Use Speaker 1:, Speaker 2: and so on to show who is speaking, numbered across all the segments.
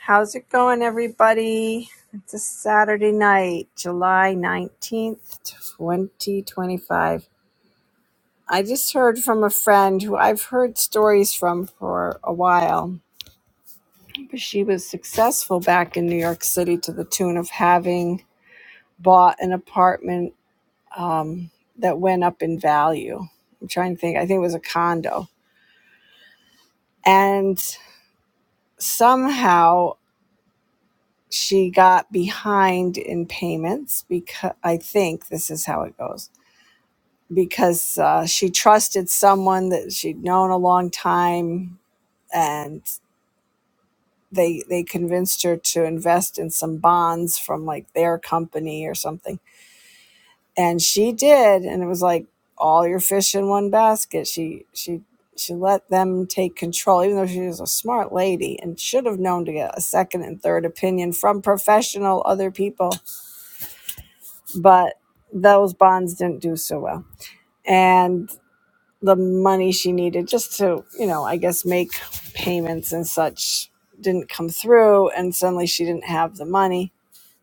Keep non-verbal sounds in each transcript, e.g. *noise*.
Speaker 1: How's it going, everybody? It's a Saturday night, July 19th, 2025. I just heard from a friend who I've heard stories from for a while. But she was successful back in New York City to the tune of having bought an apartment that went up in value. I'm trying to think, I think it was a condo. And somehow she got behind in payments because I think this is how it goes because uh, she trusted someone that she'd known a long time, and they they convinced her to invest in some bonds from like their company or something, and she did, and it was like all your fish in one basket. She she she let them take control, even though she was a smart lady and should have known to get a second and third opinion from professional other people, but those bonds didn't do so well, and the money she needed just to, you know, I guess make payments and such didn't come through. And suddenly she didn't have the money.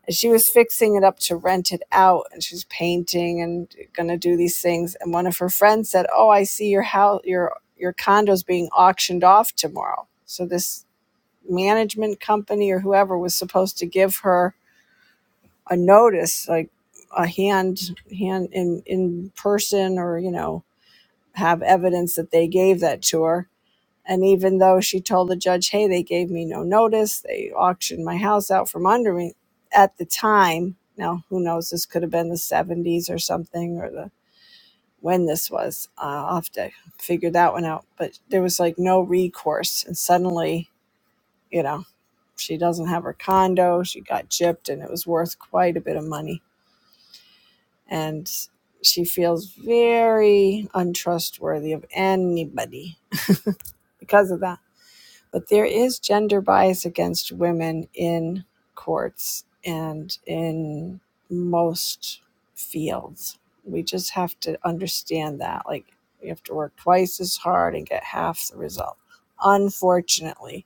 Speaker 1: And she was fixing it up to rent it out and she's painting and going to do these things. And one of her friends said, Oh, I see your house, your, your condo's being auctioned off tomorrow. So this management company or whoever was supposed to give her a notice, like a hand, hand in, in person or, you know, have evidence that they gave that to her. And even though she told the judge, hey, they gave me no notice, they auctioned my house out from under me at the time. Now, who knows? This could have been the 70s or something, or the when this was. Uh, I'll have to figure that one out. But there was like no recourse. And suddenly, you know, she doesn't have her condo. She got gypped and it was worth quite a bit of money. And she feels very untrustworthy of anybody because of that but there is gender bias against women in courts and in most fields. We just have to understand that. Like, you have to work twice as hard and get half the result, unfortunately.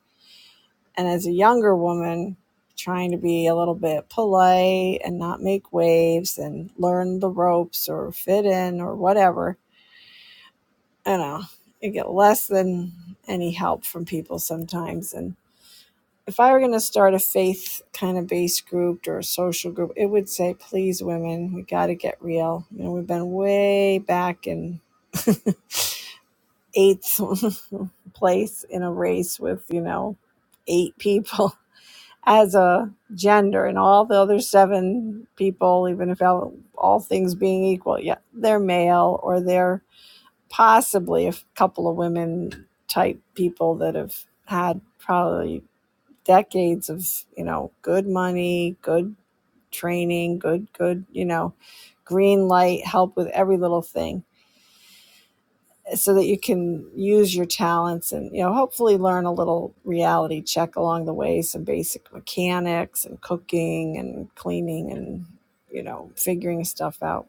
Speaker 1: And as a younger woman, trying to be a little bit polite and not make waves and learn the ropes or fit in or whatever, you know, you get less than any help from people sometimes. And if I were going to start a faith kind of base group or a social group, it would say, please, women, we got to get real. You know, we've been way back in *laughs* eighth *laughs* place in a race with, you know, eight people *laughs* as a gender and all the other seven people, even if all, all things being equal, yeah, they're male or they're possibly a couple of women type people that have had probably decades of you know good money good training good good you know green light help with every little thing so that you can use your talents and you know hopefully learn a little reality check along the way some basic mechanics and cooking and cleaning and you know figuring stuff out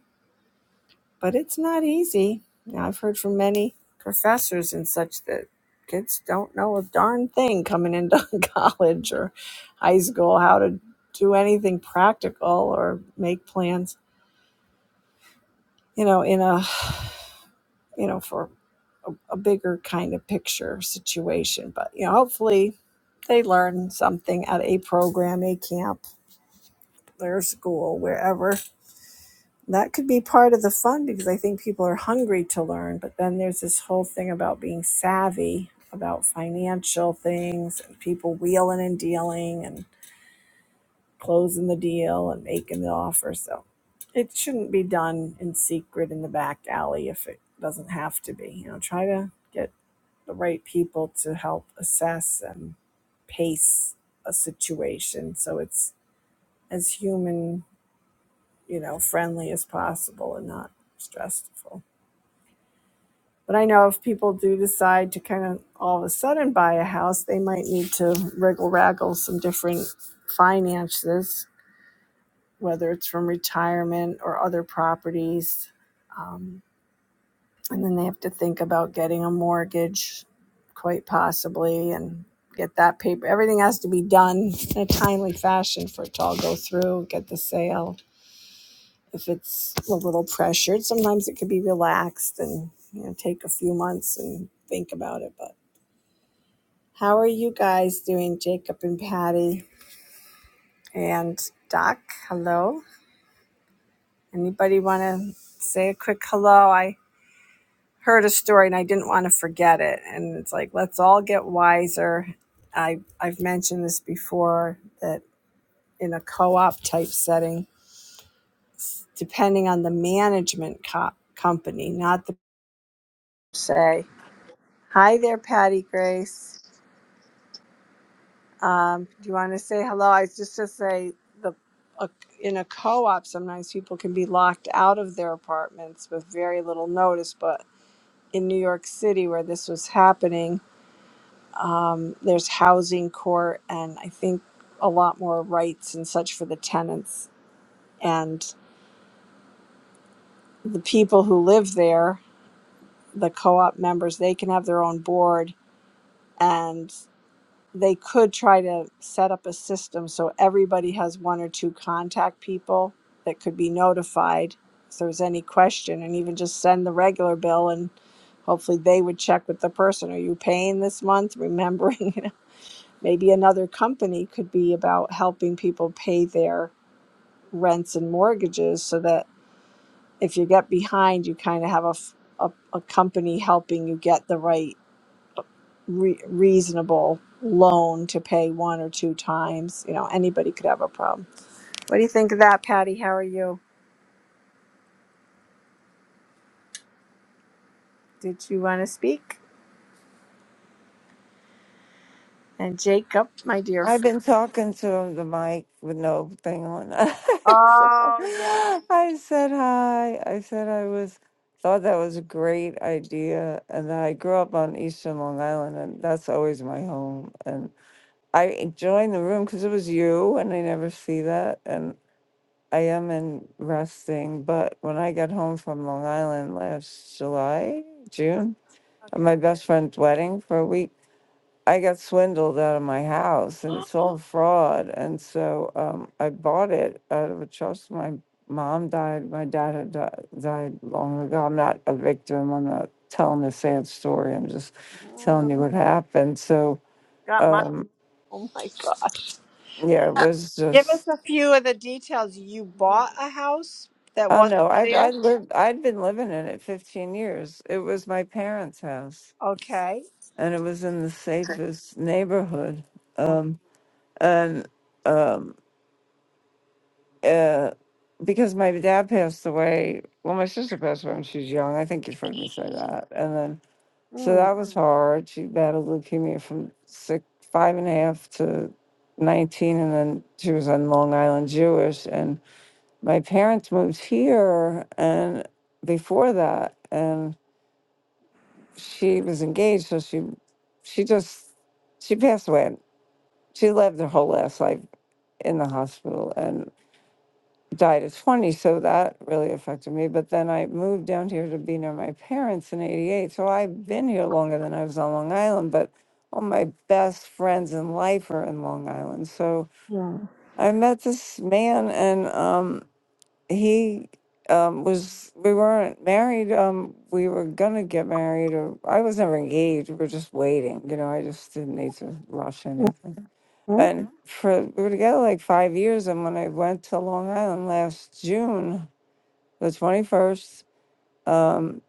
Speaker 1: but it's not easy. Now, I've heard from many professors and such that kids don't know a darn thing coming into *laughs* college or high school how to do anything practical or make plans, you know, in a, you know, for a, a bigger kind of picture situation. But, you know, hopefully they learn something at a program, a camp, their school, wherever that could be part of the fun because I think people are hungry to learn. But then there's this whole thing about being savvy about financial things and people wheeling and dealing and closing the deal and making the offer. So it shouldn't be done in secret in the back alley if it doesn't have to be. You know, try to get the right people to help assess and pace a situation so it's as human, you know, friendly as possible and not stressful. But I know if people do decide to kind of all of a sudden buy a house, they might need to wriggle raggle some different finances, whether it's from retirement or other properties. Um, and then they have to think about getting a mortgage, quite possibly, and get that paper. Everything has to be done in a timely fashion for it to all go through, get the sale. If it's a little pressured, sometimes it could be relaxed and you know take a few months and think about it, but How are you guys doing, Jacob and Patty and Doc? Hello. Anybody want to say a quick hello? I heard a story and I didn't want to forget it. And it's like, let's all get wiser. I, I've mentioned this before that in a co op type setting, depending on the management co- company, not the say, hi there, Patty Grace. Um, do you want to say hello? I was just to say the uh, in a co-op, sometimes people can be locked out of their apartments with very little notice. But in New York City, where this was happening, um, there's housing court, and I think a lot more rights and such for the tenants and the people who live there. The co-op members, they can have their own board, and. they could try to set up a system so everybody has one or two contact people that could be notified if there's any question and even just send the regular bill and hopefully they would check with the person are you paying this month remembering *laughs* you know, maybe another company could be about helping people pay their rents and mortgages so that if you get behind you kind of have a, f- a, a company helping you get the right re- reasonable loan to pay one or two times. You know, anybody could have a problem. What do you think of that, Patty? How are you? Did you want to speak? And Jacob, my dear.
Speaker 2: I've
Speaker 1: fr-
Speaker 2: been talking to the mic with no thing on. *laughs* I
Speaker 1: Oh yes.
Speaker 2: said hi. I said I was thought that was a great idea, and that I grew up on Eastern Long Island, and that's always my home. And I joined the room because it was you, and I never see that. And I am in resting, but when I got home from Long Island last July, June, at
Speaker 1: Okay.
Speaker 2: my best friend's wedding for a week I got swindled out of my house and it's all fraud. And so um, I bought it out of a trust. My mom died. My dad had died, died long ago. I'm not a victim. I'm not telling a sad story. I'm just
Speaker 1: Mm,
Speaker 2: telling you what happened. So
Speaker 1: got my.
Speaker 2: um,
Speaker 1: Oh my God.
Speaker 2: yeah, it was
Speaker 1: Give us
Speaker 2: just.
Speaker 1: a few of the details. You bought a house that
Speaker 2: Oh
Speaker 1: wasn't
Speaker 2: no! I
Speaker 1: there.
Speaker 2: I lived. I'd been living in it 15 years. It was my parents' house,
Speaker 1: Okay.
Speaker 2: and it was in the
Speaker 1: Okay.
Speaker 2: safest neighborhood. Um, and um, uh, because my dad passed away. Well, my sister passed away when she was young. I think you've heard me say that. And then, so
Speaker 1: Mm,
Speaker 2: that was hard. She battled leukemia from six, five and a half to 19. And then she was on Long Island Jewish. And my parents moved here and before that, and she was engaged. So she, she just, she passed away. She lived her whole last life in the hospital. and. died at 20, so that really affected me. But then I moved down here to be near my parents in 88. So I've been here longer than I was on Long Island, but all my best friends in life are in Long Island. So
Speaker 1: mm,
Speaker 2: I met this man, and um, he um, was, we weren't married. Um, we were going to get married, or I was never engaged. We were just waiting. You know, I just didn't need to rush
Speaker 1: mm,
Speaker 2: anything
Speaker 1: mm.
Speaker 2: and for we were together like five years and when i went to long island last june the 21st um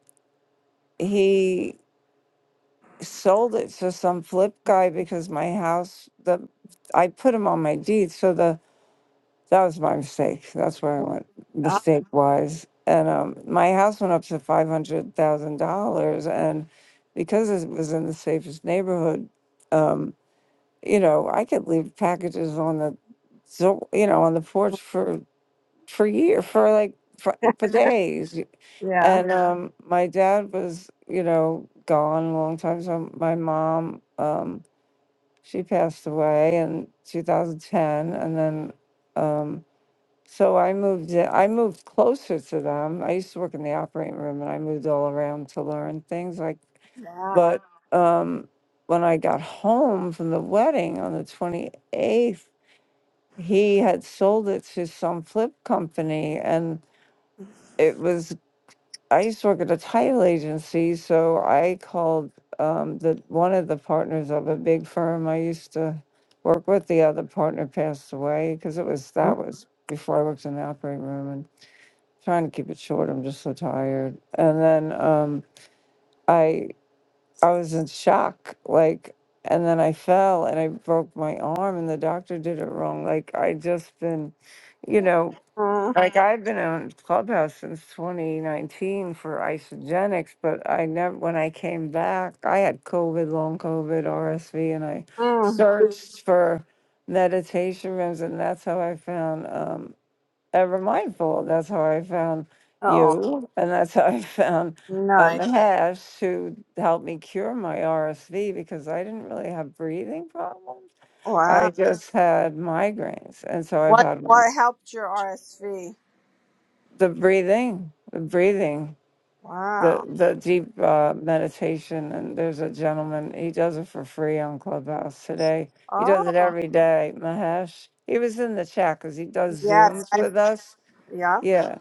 Speaker 2: he sold it to some flip guy because my house the i put him on my deed so the that was my mistake that's where i went
Speaker 1: Ah,
Speaker 2: mistake wise and um my house went up to $500000 and because it was in the safest neighborhood um you know i could leave packages on the so you know on the porch for for year for like for,
Speaker 1: *laughs*
Speaker 2: for days
Speaker 1: yeah.
Speaker 2: and Yeah. um my dad was you know gone a long time so my mom um she passed away in 2010 and then um so i moved in, i moved closer to them i used to work in the operating room and i moved all around to learn things like
Speaker 1: Wow.
Speaker 2: but um when i got home from the wedding on the 28th he had sold it to some flip company and it was I used to work at a title agency, so I called um, the one of the partners of a big firm I used to work with. The other partner passed away because it was that
Speaker 1: Mm,
Speaker 2: was before I worked in the operating room and trying to keep it short. I'm just so tired. And then um, I I was in shock, like, and then I fell and I broke my arm, and the doctor did it wrong. Like I just been, you know,
Speaker 1: mm,
Speaker 2: like I've been on Clubhouse since 2019 for isogenics, but I never, when I came back, I had COVID, long COVID, RSV, and I
Speaker 1: mm.
Speaker 2: searched for meditation rooms, and that's how I found um, Ever Mindful. That's how I found
Speaker 1: Oh.
Speaker 2: you, and that's how I found um,
Speaker 1: Nice.
Speaker 2: Mahesh, who helped me cure my RSV because I didn't really have breathing problems.
Speaker 1: Wow.
Speaker 2: I just had migraines, and so I've
Speaker 1: What
Speaker 2: had them
Speaker 1: what helped your RSV?
Speaker 2: the breathing, the breathing, the
Speaker 1: Wow.
Speaker 2: the deep uh, meditation. And there's a gentleman he does it for free on Clubhouse today. He
Speaker 1: Oh.
Speaker 2: does it every day. Mahesh. He was in the chat because he does
Speaker 1: Yes.
Speaker 2: zooms
Speaker 1: I.
Speaker 2: with us.
Speaker 1: Yeah.
Speaker 2: Yeah.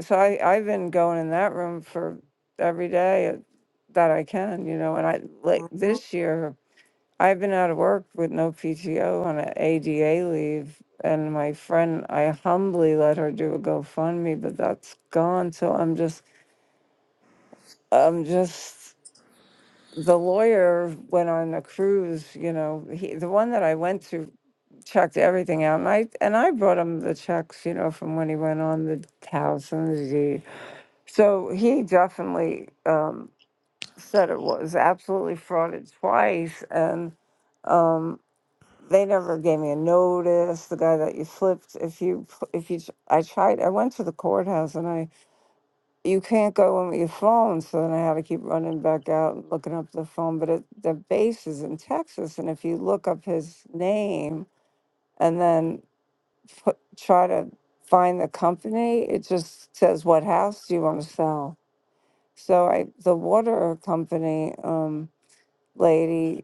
Speaker 2: So I I've been going in that room for every day that I can. You know, and I like
Speaker 1: Mm-hmm.
Speaker 2: this year. I've been out of work with no PTO on an ADA leave, and my friend, I humbly let her do a GoFundMe, but that's gone. So I'm just, I'm just. The lawyer went on a cruise, you know. He, the one that I went to, checked everything out, and I and I brought him the checks, you know, from when he went on the house and the deed. So he definitely um, said it was absolutely frauded twice, and um, they never gave me a notice. The guy that you flipped, if you, pl- if you, I tried, I went to the courthouse and I, you can't go in with your phone. So then I had to keep running back out and looking up the phone. But it, the base is in Texas. And if you look up his name and then put, try to find the company, it just says, what house do you want to sell? So I, the water company, um, lady,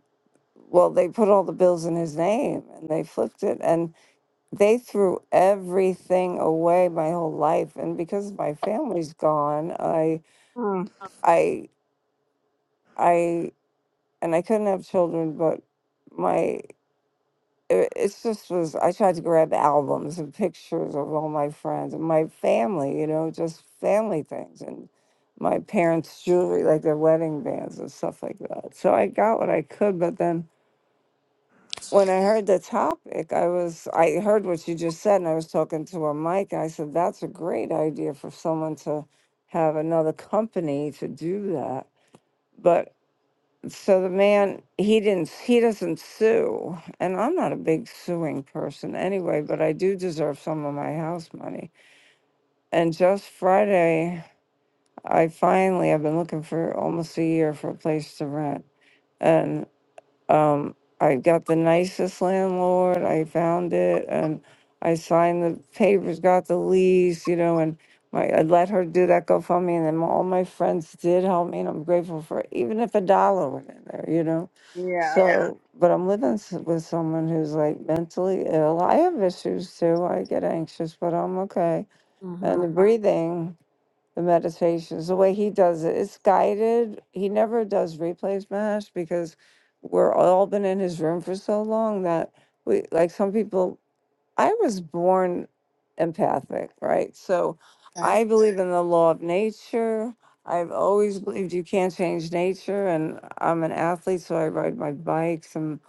Speaker 2: well, they put all the bills in his name and they flipped it. And they threw everything away my whole life and because my family's gone i i i and i couldn't have children but my it, it's just was i tried to grab albums and pictures of all my friends and my family you know just family things and my parents jewelry like their wedding bands and stuff like that so i got what i could but then when I heard the topic, I was I heard what you just said, and I was talking to a mic, and I said that's a great idea for someone to have another company to do that. But so the man he didn't he doesn't sue, and I'm not a big suing person anyway, but I do deserve some of my house money. And just Friday, I finally I've been looking for almost a year for a place to rent, and. Um, I got the nicest landlord. I found it, and I signed the papers, got the lease, you know, and my I let her do that GoFundMe, and then all my friends did help me, and I'm grateful for it, even if a dollar went in there, you know.
Speaker 1: Yeah.
Speaker 2: So, Yeah. but I'm living s- with someone who's like mentally ill. I have issues too. I get anxious, but I'm okay.
Speaker 1: Mm-hmm.
Speaker 2: And the breathing the meditations, the way he does it. It's guided. He never does replays mash because we're all been in his room for so long that we like some people I was born empathic, right? So
Speaker 1: Okay.
Speaker 2: I believe in the law of nature. I've always believed you can't change nature, and I'm an athlete, so I ride my bikes and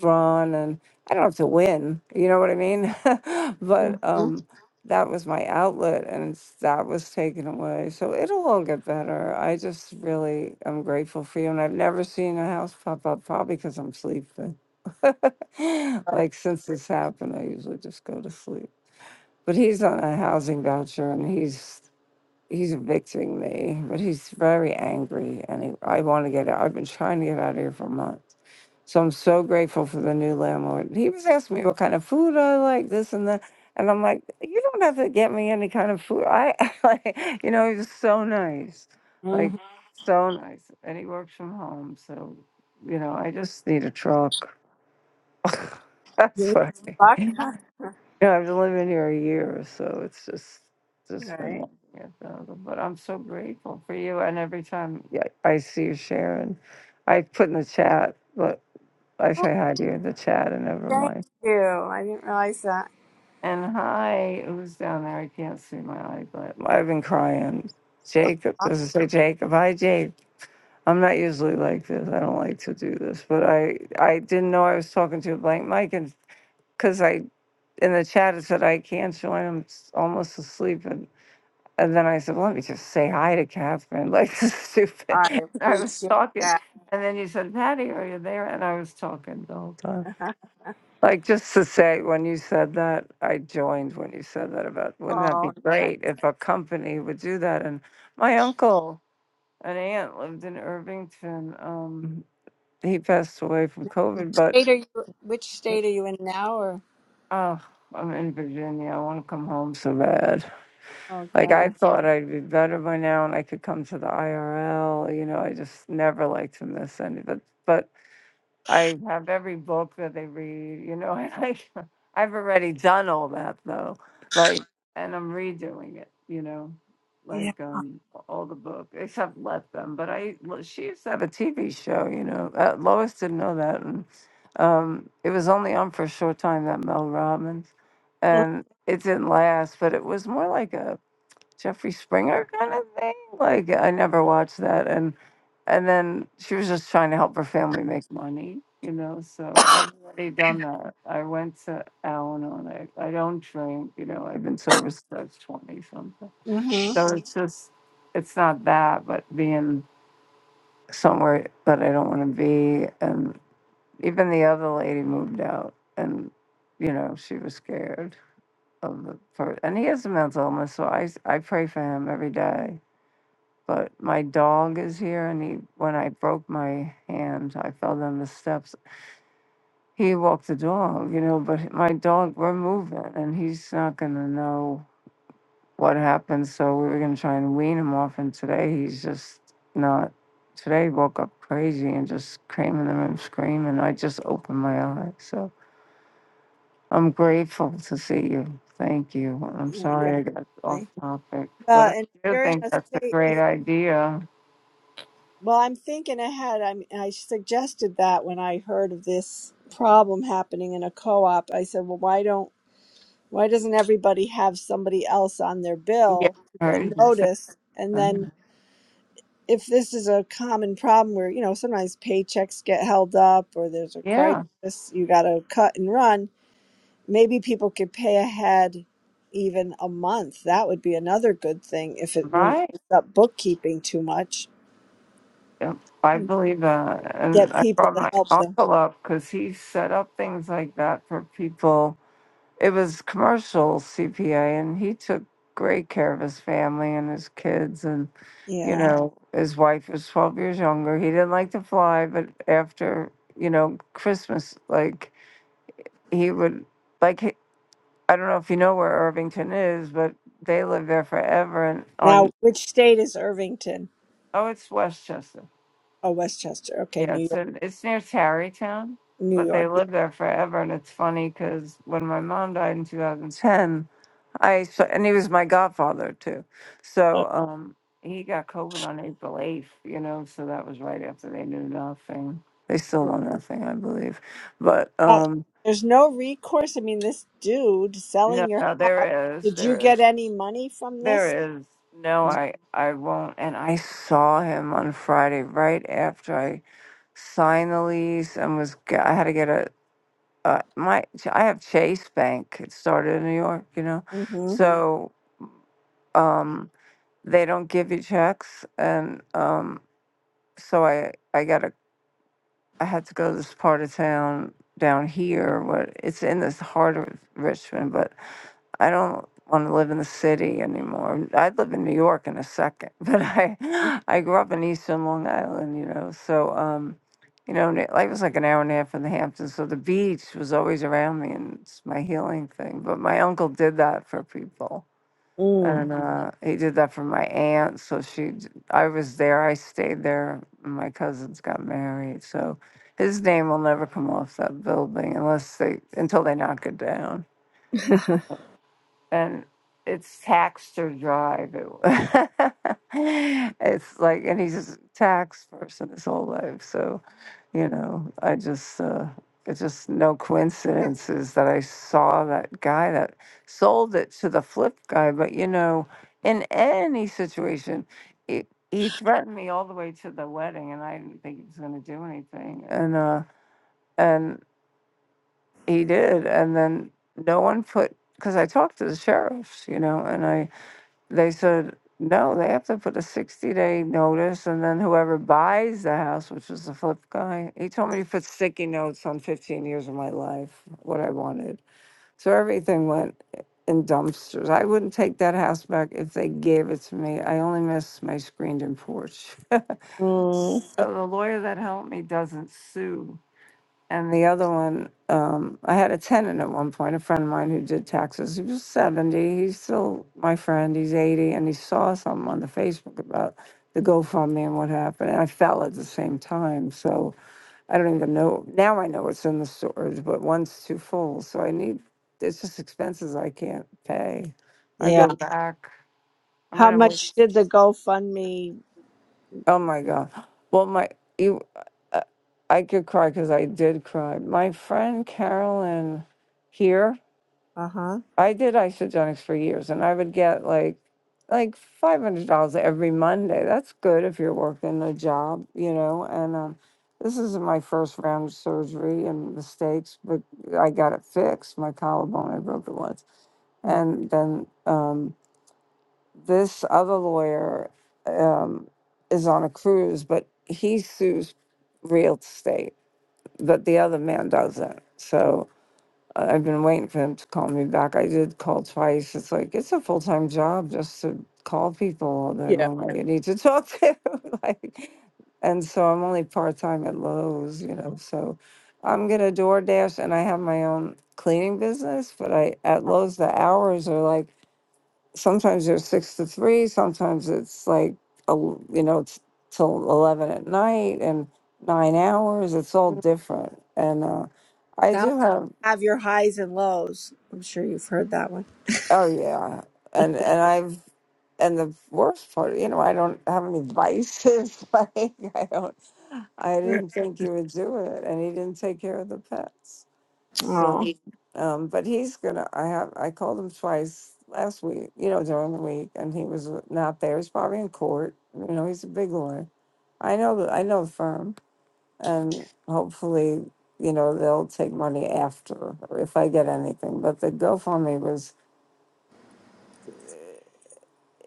Speaker 2: run, and I don't have to win. You know what I mean? *laughs* but
Speaker 1: Mm-hmm.
Speaker 2: um, that was my outlet, and it's- that was taken away. So it'll all get better. I just really am grateful for you, and I've never seen a house pop up, probably because I'm sleeping. *laughs* like since this happened, I usually just go to sleep. But he's on a housing voucher and he's he's evicting me. But he's very angry and he, I want to get out. I've been trying to get out of here for months. So I'm so grateful for the new landlord. He was asking me what kind of food I like, this and that. And I'm like, you don't have to get me any kind of food. I, *laughs* like, you know, he was so nice, like
Speaker 1: Mm-hmm.
Speaker 2: so nice. And he works from home, so you know, I just need a truck. *laughs* That's funny.
Speaker 1: Fuck.
Speaker 2: Yeah,
Speaker 1: *laughs*
Speaker 2: I've been living here a year, so it's just just been
Speaker 1: right.
Speaker 2: long. Yeah, so- But I'm so grateful for you. And every time yeah, I see you sharing, I put in the chat, but I
Speaker 1: Oh,
Speaker 2: say hi to you in the chat and never
Speaker 1: thank
Speaker 2: mind.
Speaker 1: you. I didn't realize that.
Speaker 2: And hi, who's down there? I can't see my eye, but I've been crying. Jacob, does it say Jacob? Hi, Jake. I'm not usually like this. I don't like to do this, but I I didn't know I was talking to a blank mic, and because I in the chat it said I can't join. I'm s- almost asleep, and and then I said, well, let me just say hi to Catherine. *laughs* Like this is stupid.
Speaker 1: I
Speaker 2: And I was
Speaker 1: appreciate
Speaker 2: talking,
Speaker 1: that.
Speaker 2: and then you said, Patty, are you there? And I was talking the whole time.
Speaker 1: *laughs*
Speaker 2: Like just to say, when you said that, I joined when you said that about. Wouldn't that be
Speaker 1: oh, nice.
Speaker 2: great if a company would do that? And my uncle and aunt lived in Irvington. Um, he passed away from COVID, but
Speaker 1: State are you? Which
Speaker 2: he,
Speaker 1: state are you in now? Or
Speaker 2: oh, I'm in Virginia. I want to come home so bad. Like I
Speaker 1: okay.
Speaker 2: thought I'd be better by now and I could come to the IRL, you know, I just never liked to miss any but but I have every book that they read, you know, *laughs* and I I've already done all that though. Like and I'm redoing it, you know.
Speaker 1: Yeah.
Speaker 2: Like um all the book except Let Them. But I well, she used to have a TV show, you know. Uh, Lois didn't know that and um it was only on for a short time that Mel Robbins and it didn't last, but it was more like a Jeffree Springer kind of thing. Like I never watched that, and and then she was just trying to help her family make money, you know. So I've already done that. I went to Al Anon. I, I don't drink, you know. I've been sober since I was twenty something.
Speaker 1: Mm-hmm.
Speaker 2: So it's just, it's not that, but being somewhere that I don't want to be, and even the other lady moved out, and you know she was scared of the person, and he has a mental illness. So I s- I pray for him every day but my dog is here and he when i broke my hand i fell down the steps he walked the dog you know but my dog we're moving and he's not going to know what happened so we were going to try and wean him off and today he's just not today he woke up crazy and just came in the room screaming i just opened my eyes so i'm grateful to see you thank you i'm sorry i
Speaker 1: Exactly.
Speaker 2: got off topic but
Speaker 1: Well,
Speaker 2: i
Speaker 1: and if
Speaker 2: do
Speaker 1: you're in
Speaker 2: think
Speaker 1: a
Speaker 2: that's a
Speaker 1: state.
Speaker 2: great idea
Speaker 1: Well, I'm thinking ahead. I mean, I suggested that when I heard of this problem happening in a co-op. I said, "Well, why don't why doesn't everybody have somebody else on their
Speaker 2: yeah
Speaker 1: bill to
Speaker 2: i
Speaker 1: get
Speaker 2: heard you say
Speaker 1: notice?" And
Speaker 2: that.
Speaker 1: then if this is a common problem where, you know, sometimes paychecks get held up or there's a
Speaker 2: Yeah,
Speaker 1: crisis, you got to cut and run, maybe people could pay ahead even a month. That would be another good thing if it wouldn't
Speaker 2: right.
Speaker 1: up bookkeeping too much.
Speaker 2: Yep. I believe that. And
Speaker 1: Get
Speaker 2: I
Speaker 1: people
Speaker 2: brought
Speaker 1: to
Speaker 2: my
Speaker 1: help them.
Speaker 2: uncle up because he set up things like that for people. It was commercial CPA, and he took great care of his family and his kids. And, you
Speaker 1: Yeah.
Speaker 2: know, his wife was 12 years younger. He didn't like to fly, but after, you know, Christmas, like, he would, like, he- I don't know if you know where Irvington is, but they lived there forever. And
Speaker 1: Now,
Speaker 2: on,
Speaker 1: which state is Irvington?
Speaker 2: oh, it's Westchester
Speaker 1: Oh, Westchester. Okay,
Speaker 2: Yeah,
Speaker 1: New
Speaker 2: it's
Speaker 1: York.
Speaker 2: in, it's near Tarrytown,
Speaker 1: New
Speaker 2: but they
Speaker 1: York.
Speaker 2: lived there forever. And it's funny because when my mom died in 2010, I saw, and he was my godfather too, so um, he got COVID on April 8th. You know, so that was right after they knew nothing. They still know nothing, I believe. But
Speaker 1: Well,
Speaker 2: um,
Speaker 1: there's no recourse. I mean, this dude
Speaker 2: no,
Speaker 1: selling your
Speaker 2: no,
Speaker 1: house.
Speaker 2: there is,
Speaker 1: Did you
Speaker 2: there
Speaker 1: get
Speaker 2: is,
Speaker 1: any money from this?
Speaker 2: there is. No,
Speaker 1: Uh,
Speaker 2: I, I won't. And I saw him on Friday right after I signed the lease and was g- I had to get a uh, my I have Chase Bank. It started in New York, you know,
Speaker 1: Mm-hmm.
Speaker 2: so um, they don't give you checks, and um, so I I got to I had to go to this part of town down here, What it's in this heart of Richmond, but I don't want to live in the city anymore. I'd live in New York in a second, *laughs* but I I grew up in Eastern Long Island, you know. So um, you know, and it- life was like an hour and a half from the Hamptons, so the beach was always around me, and it's my healing thing. But my uncle did that for people, and
Speaker 1: Mm.
Speaker 2: uh, he did that for my aunt. So she, d- I was there, I stayed there. and My cousins got married, so his name will never come off that building unless they until they knock it down
Speaker 1: *laughs*
Speaker 2: and it's tax drive. It- *laughs* it's like, and he's just a tax person his whole life. So, you know, I just, uh, it's just no coincidences that I saw that guy that sold it to the flip guy. But, you know, in any situation, he, he threatened me all the way to the wedding, and I didn't think he was going to do anything. And, uh, and he did. And then no one put, because I talked to the sheriffs, you know, and I, they said, no, they have to put a 60 day notice. And then whoever buys the house, which was the flip guy, he told me to put sticky notes on 15 years of my life, what I wanted. So everything went in dumpsters. I wouldn't take that house back if they gave it to me. I only miss my screened in porch. *laughs*
Speaker 1: Mm.
Speaker 2: so the lawyer that helped me doesn't sue. And the other one, um, I had a tenant at one point, a friend of mine who did taxes. He was 70. He's still my friend. He's 80. And he saw something on the Facebook about the GoFundMe and what happened. And I fell at the same time. So I don't even know. Now I know it's in the storage, but one's too full. So I need, it's just expenses I can't pay. I
Speaker 1: Yeah.
Speaker 2: go back. I'm
Speaker 1: How
Speaker 2: gonna,
Speaker 1: much did the GoFundMe?
Speaker 2: oh my God. Well, my, you, uh, I could cry because I did cry. My friend Carolyn here,
Speaker 1: Uh huh.
Speaker 2: I did isogenics for years, and I would get like like five hundred dollars every Monday. That's good if you're working a job, you know. And um, this isn't my first round of surgery and mistakes, but I got it fixed. My collarbone, I broke it once, and then um, this other lawyer um, is on a cruise, but he sues real estate, but the other man doesn't. So I- I've been waiting for them to call me back. I did call twice. It's like it's a full time job just to call people all day
Speaker 1: yeah.
Speaker 2: long that you need to talk to. *laughs* like, and so I'm only part time at Lowe's, you know. So I'm gonna DoorDash, and I have my own cleaning business. But I at Lowe's the hours are like sometimes they're six to three, sometimes it's like a l- you know it's till eleven at night and nine hours. It's all
Speaker 1: Mm.
Speaker 2: different, and uh, I
Speaker 1: Sound
Speaker 2: do have.
Speaker 1: have your highs and lows. I'm sure you've heard that one.
Speaker 2: Oh yeah, and and I've and the worst part, you know, I don't have any vices. *laughs* Like I don't, I
Speaker 1: Right.
Speaker 2: didn't think he would do it, and he didn't take care of the pets. So,
Speaker 1: Oh,
Speaker 2: Right. um, but he's gonna. I have. I called him twice last week, you know, during the week, and he was not there. He's probably in court. You know, he's a big lawyer. I know the I know the firm, and hopefully, you know, they'll take money after if I get anything. But the GoFundMe was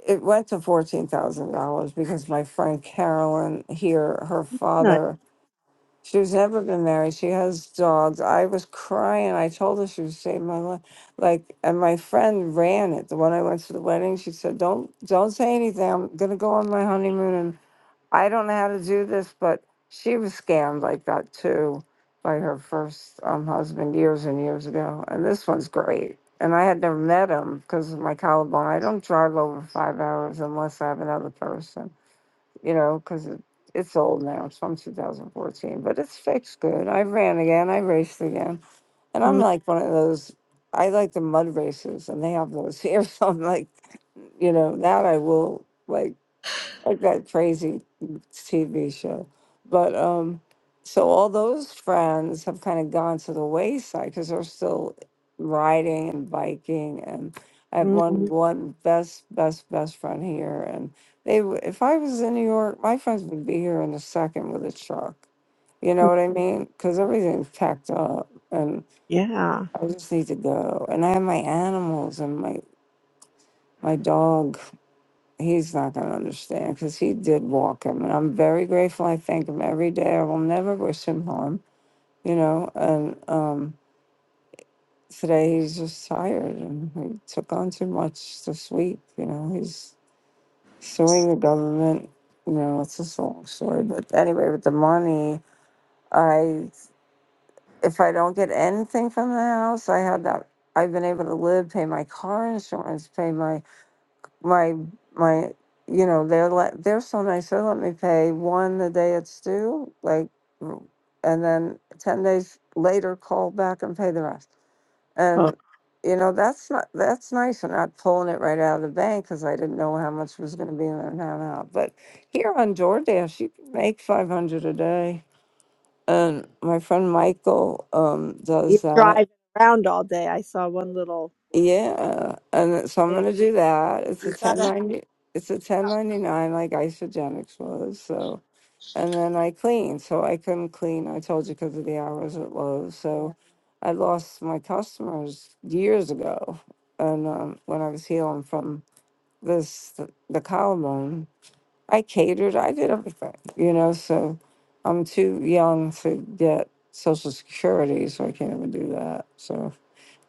Speaker 2: it went to fourteen thousand dollars because my friend Carolyn here, her
Speaker 1: nice.
Speaker 2: father, she's never been married. She has dogs. I was crying. I told her she would save my life. Like, and my friend ran it. The one I went to the wedding, she said, "Don't, don't say anything. I'm gonna go on my honeymoon I don't know how to do this, but she was scammed like that too by her first um, husband years and years ago. And this one's great. And I had never met him because of my collarbone. I don't drive over five hours unless I have another person, you know, because it, it's old now. It's from 2014, but it's fixed good. I ran again. I raced again. And I'm
Speaker 1: Mm,
Speaker 2: like one of those, I like the mud races and they have those here. *laughs* So I'm like, you know, that I will like like that crazy TV show. But um, so all those friends have kind of gone to the wayside because they're still riding and biking. And I have
Speaker 1: mm,
Speaker 2: one Mhm. one best best best friend here, and they w- if I was in New York, my friends would be here in a second with a truck. You know
Speaker 1: mm.
Speaker 2: what I mean? Because everything's packed up, and
Speaker 1: Yeah.
Speaker 2: I just need to go. And I have my animals and my my dog he's not going to understand because he did walk him. And I'm very grateful. I thank him every day. I will never wish him harm, you know. And um, today he's just tired and he took on too much this week, you know. He's suing the government, you know. It's just a long story. But anyway, with the money, I, if I don't get anything from the house, I had that. I've been able to live, pay my car insurance, pay my my my you know they're let they're so nice they let me pay one the day it's due like r- and then 10 days later call back and pay the rest
Speaker 1: Oh.
Speaker 2: and you know that's not that's nice i'm not pulling it right out of the bank because i didn't know how much was going to be in there and how not but here on DoorDash you can make 500 a day and my friend michael um,
Speaker 1: You're
Speaker 2: does that
Speaker 1: driving around all day. I saw one little
Speaker 2: Yeah, and so I'm
Speaker 1: thing.
Speaker 2: gonna do that. It's
Speaker 1: You
Speaker 2: a ten
Speaker 1: gotta *laughs*
Speaker 2: ninety. It's a ten
Speaker 1: have,
Speaker 2: ninety nine, like Isogenics was. So, and then I clean. So I couldn't clean. I told you because of the hours at Lowe's.
Speaker 1: yeah.
Speaker 2: So, I lost my customers years ago, and um, when I was healing from this the collarbone, I catered. I did everything, you know. So, I'm too young to get Social Security, so I can't even do that. So.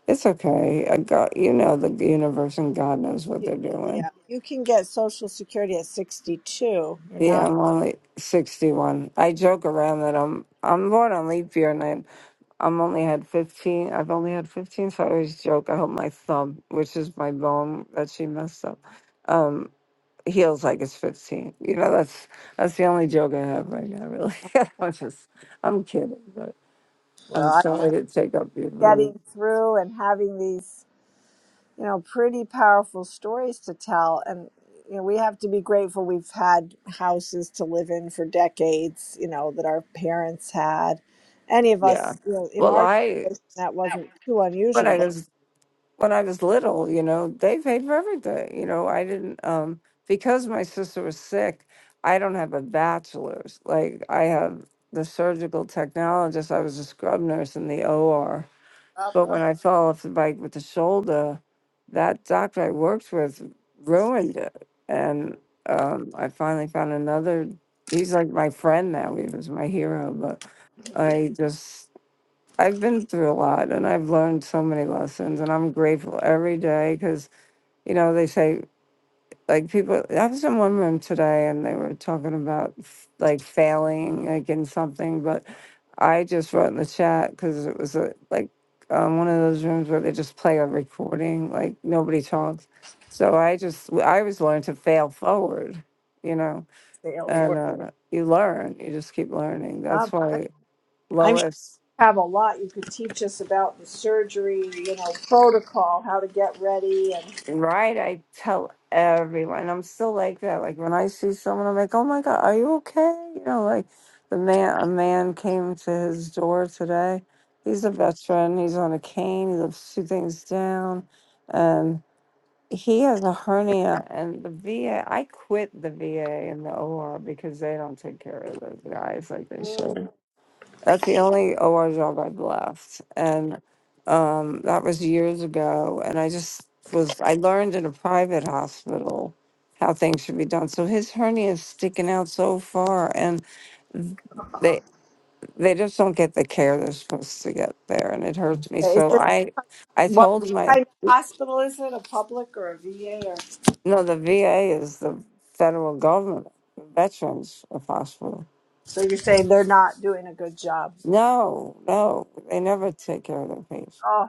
Speaker 2: It's okay. I got you know the universe and God knows what
Speaker 1: You,
Speaker 2: they're doing.
Speaker 1: yeah. You can get Social Security at 62. You're
Speaker 2: Yeah,
Speaker 1: not.
Speaker 2: I'm only sixty one. I joke around that I'm I'm born on leap year and I I'm only had fifteen. I've only had fifteen, so I always joke. I hope my thumb, which is my bone that she messed up, um, heals like it's fifteen. You know that's that's the only joke I have right now. Really, *laughs* I'm just I'm kidding, but
Speaker 1: Well,
Speaker 2: I'm
Speaker 1: I'm
Speaker 2: sorry to take up your room.
Speaker 1: getting through and having these you know, pretty powerful stories to tell. And, you know, we have to be grateful we've had houses to live in for decades, you know, that our parents had. Any of
Speaker 2: Yeah.
Speaker 1: us, you know, in
Speaker 2: Well,
Speaker 1: our
Speaker 2: I
Speaker 1: generation, that wasn't too
Speaker 2: but
Speaker 1: unusual,
Speaker 2: I
Speaker 1: but
Speaker 2: just when I was little, you know, they paid for everything. You know, I didn't um because my sister was sick, I don't have a bachelor's. Like I have the surgical technologist, I was a scrub nurse in the OR.
Speaker 1: God
Speaker 2: But
Speaker 1: bless
Speaker 2: when I fell off the bike with the shoulder, that doctor I worked with ruined it. And um I finally found another he's like my friend now. He was my hero, but I just I've been through a lot and I've learned so many lessons and I'm grateful every day because, you know, they say like people, I was in one room today and they were talking about f- like failing like in something, but I just wrote in the chat because it was a, like um, one of those rooms where they just play a recording, like nobody talks. So I just, I always learned to fail forward, you know,
Speaker 1: Dale
Speaker 2: Yeah.
Speaker 1: for
Speaker 2: and
Speaker 1: it.
Speaker 2: uh, you learn, you just keep learning.
Speaker 1: God
Speaker 2: That's
Speaker 1: bless.
Speaker 2: why
Speaker 1: I'm sure
Speaker 2: Lois
Speaker 1: you have a lot you could teach us about the surgery, you know, protocol, how to get ready. And
Speaker 2: Right, I tell everyone. I'm still like that. Like when I see someone, I'm like, "Oh my God, are you okay?" You know, like the man. A man came to his door today. He's a veteran. He's on a cane. He lives two things down, and he has a hernia. And the VA. I quit the VA and the OR because they don't take care of those guys like they
Speaker 1: Mm.
Speaker 2: should. That's the only OR job I've left. And um, that was years ago. And I just was, I learned in a private hospital how things should be done. So his hernia is sticking out so far, and they they just don't get the care they're supposed to get there, and it hurts me.
Speaker 1: is
Speaker 2: So
Speaker 1: this
Speaker 2: I I
Speaker 1: what
Speaker 2: told my
Speaker 1: kind of hospital is it? A public or a VA? Or
Speaker 2: no, the VA is the federal government, the Veterans of Hospital.
Speaker 1: so you're saying they're not doing a good job?
Speaker 2: No, no, they never take care of their patients.
Speaker 1: Oh.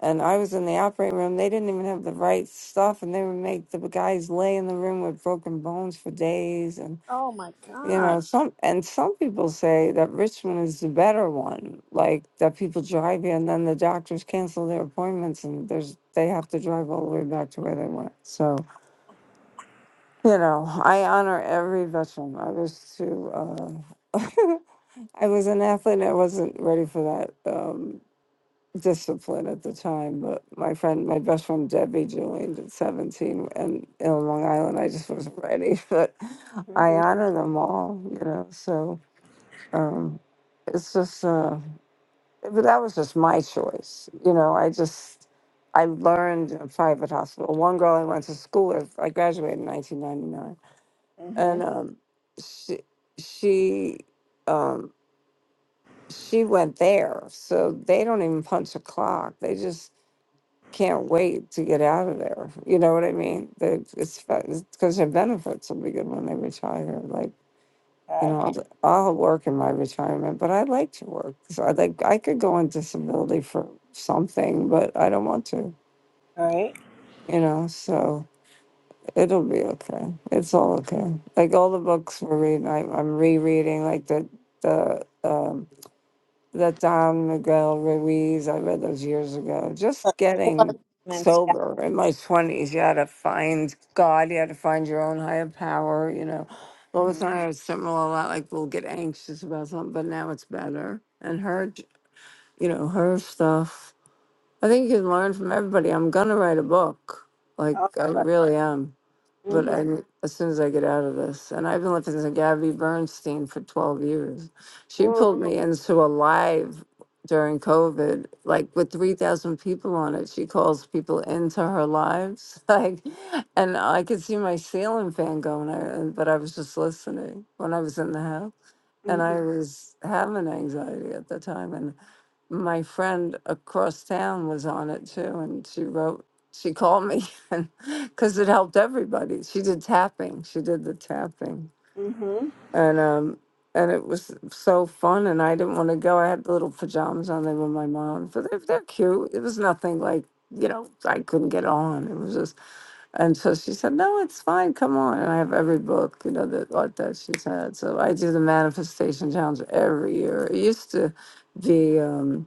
Speaker 2: And I was in the operating room. They didn't even have the right stuff, and they would make the guys lay in the room with broken bones for days. And
Speaker 1: Oh my
Speaker 2: you
Speaker 1: God.
Speaker 2: know, some and some people say that Richmond is the better one. Like that people drive here, and then the doctors cancel their appointments, and there's they have to drive all the way back to where they went. So you know, I honor every veteran. I was too. Uh, *laughs* I was an athlete. I wasn't ready for that. Um, discipline at the time, but my friend, my best friend Debbie joined at 17 and in Long Island, I just wasn't ready, *laughs* but I
Speaker 1: Mm-hmm.
Speaker 2: honor them all, you know, so um, it's just, uh, but that was just my choice. You know, I just, I learned in a private hospital. One girl I went to school with, I graduated in 1999
Speaker 1: Mm-hmm.
Speaker 2: and um, she, she, um, she went there, so they don't even punch a clock. They just can't wait to get out of there. You know what I mean? They- It's because their benefits will be good when they retire. Like,
Speaker 1: Okay.
Speaker 2: you
Speaker 1: All
Speaker 2: know, I'll, I'll work in my retirement, but I like to work. So I like I could go on disability for something, but I don't want to.
Speaker 1: right.
Speaker 2: You know, so it'll be okay. It's all okay. Like all the books we're reading, I, I'm rereading. Like the the um, that Don Miguel Ruiz, I read those years ago, just getting
Speaker 1: Comments. Yeah.
Speaker 2: sober in my 20s, you had to find God, you had to find your own higher power, you know. All the
Speaker 1: Mm-hmm.
Speaker 2: time I was similar a lot, like we'll get anxious about something, but now it's better. And her, j- you know, her stuff. I think you can learn from everybody. I'm going to write a book. Like,
Speaker 1: Oh,
Speaker 2: I
Speaker 1: but,
Speaker 2: really am but
Speaker 1: mm-hmm.
Speaker 2: I as soon as I get out of this, and I've been listening to Gabby Bernstein for twelve years. She pulled me into a live during COVID, like with three thousand people on it. She calls people into her lives, *laughs* like, and I could see my ceiling fan going, I- but I was just listening when I was in the house, and
Speaker 1: Mm-hmm.
Speaker 2: I was having anxiety at the time, and my friend across town was on it too, and she wrote, she called me *laughs* and because it helped everybody. She did tapping, she did the tapping,
Speaker 1: Mm-hmm.
Speaker 2: and um, and it was so fun. And I didn't want to go. I had the little pajamas on; they were my mom's, but they're, they're cute. It was nothing like you know I couldn't get on. It was just, and so she said, "No, it's fine. Come on." And I have every book you know that like that she's had. So I do the manifestation challenge every year. It used to be. Um,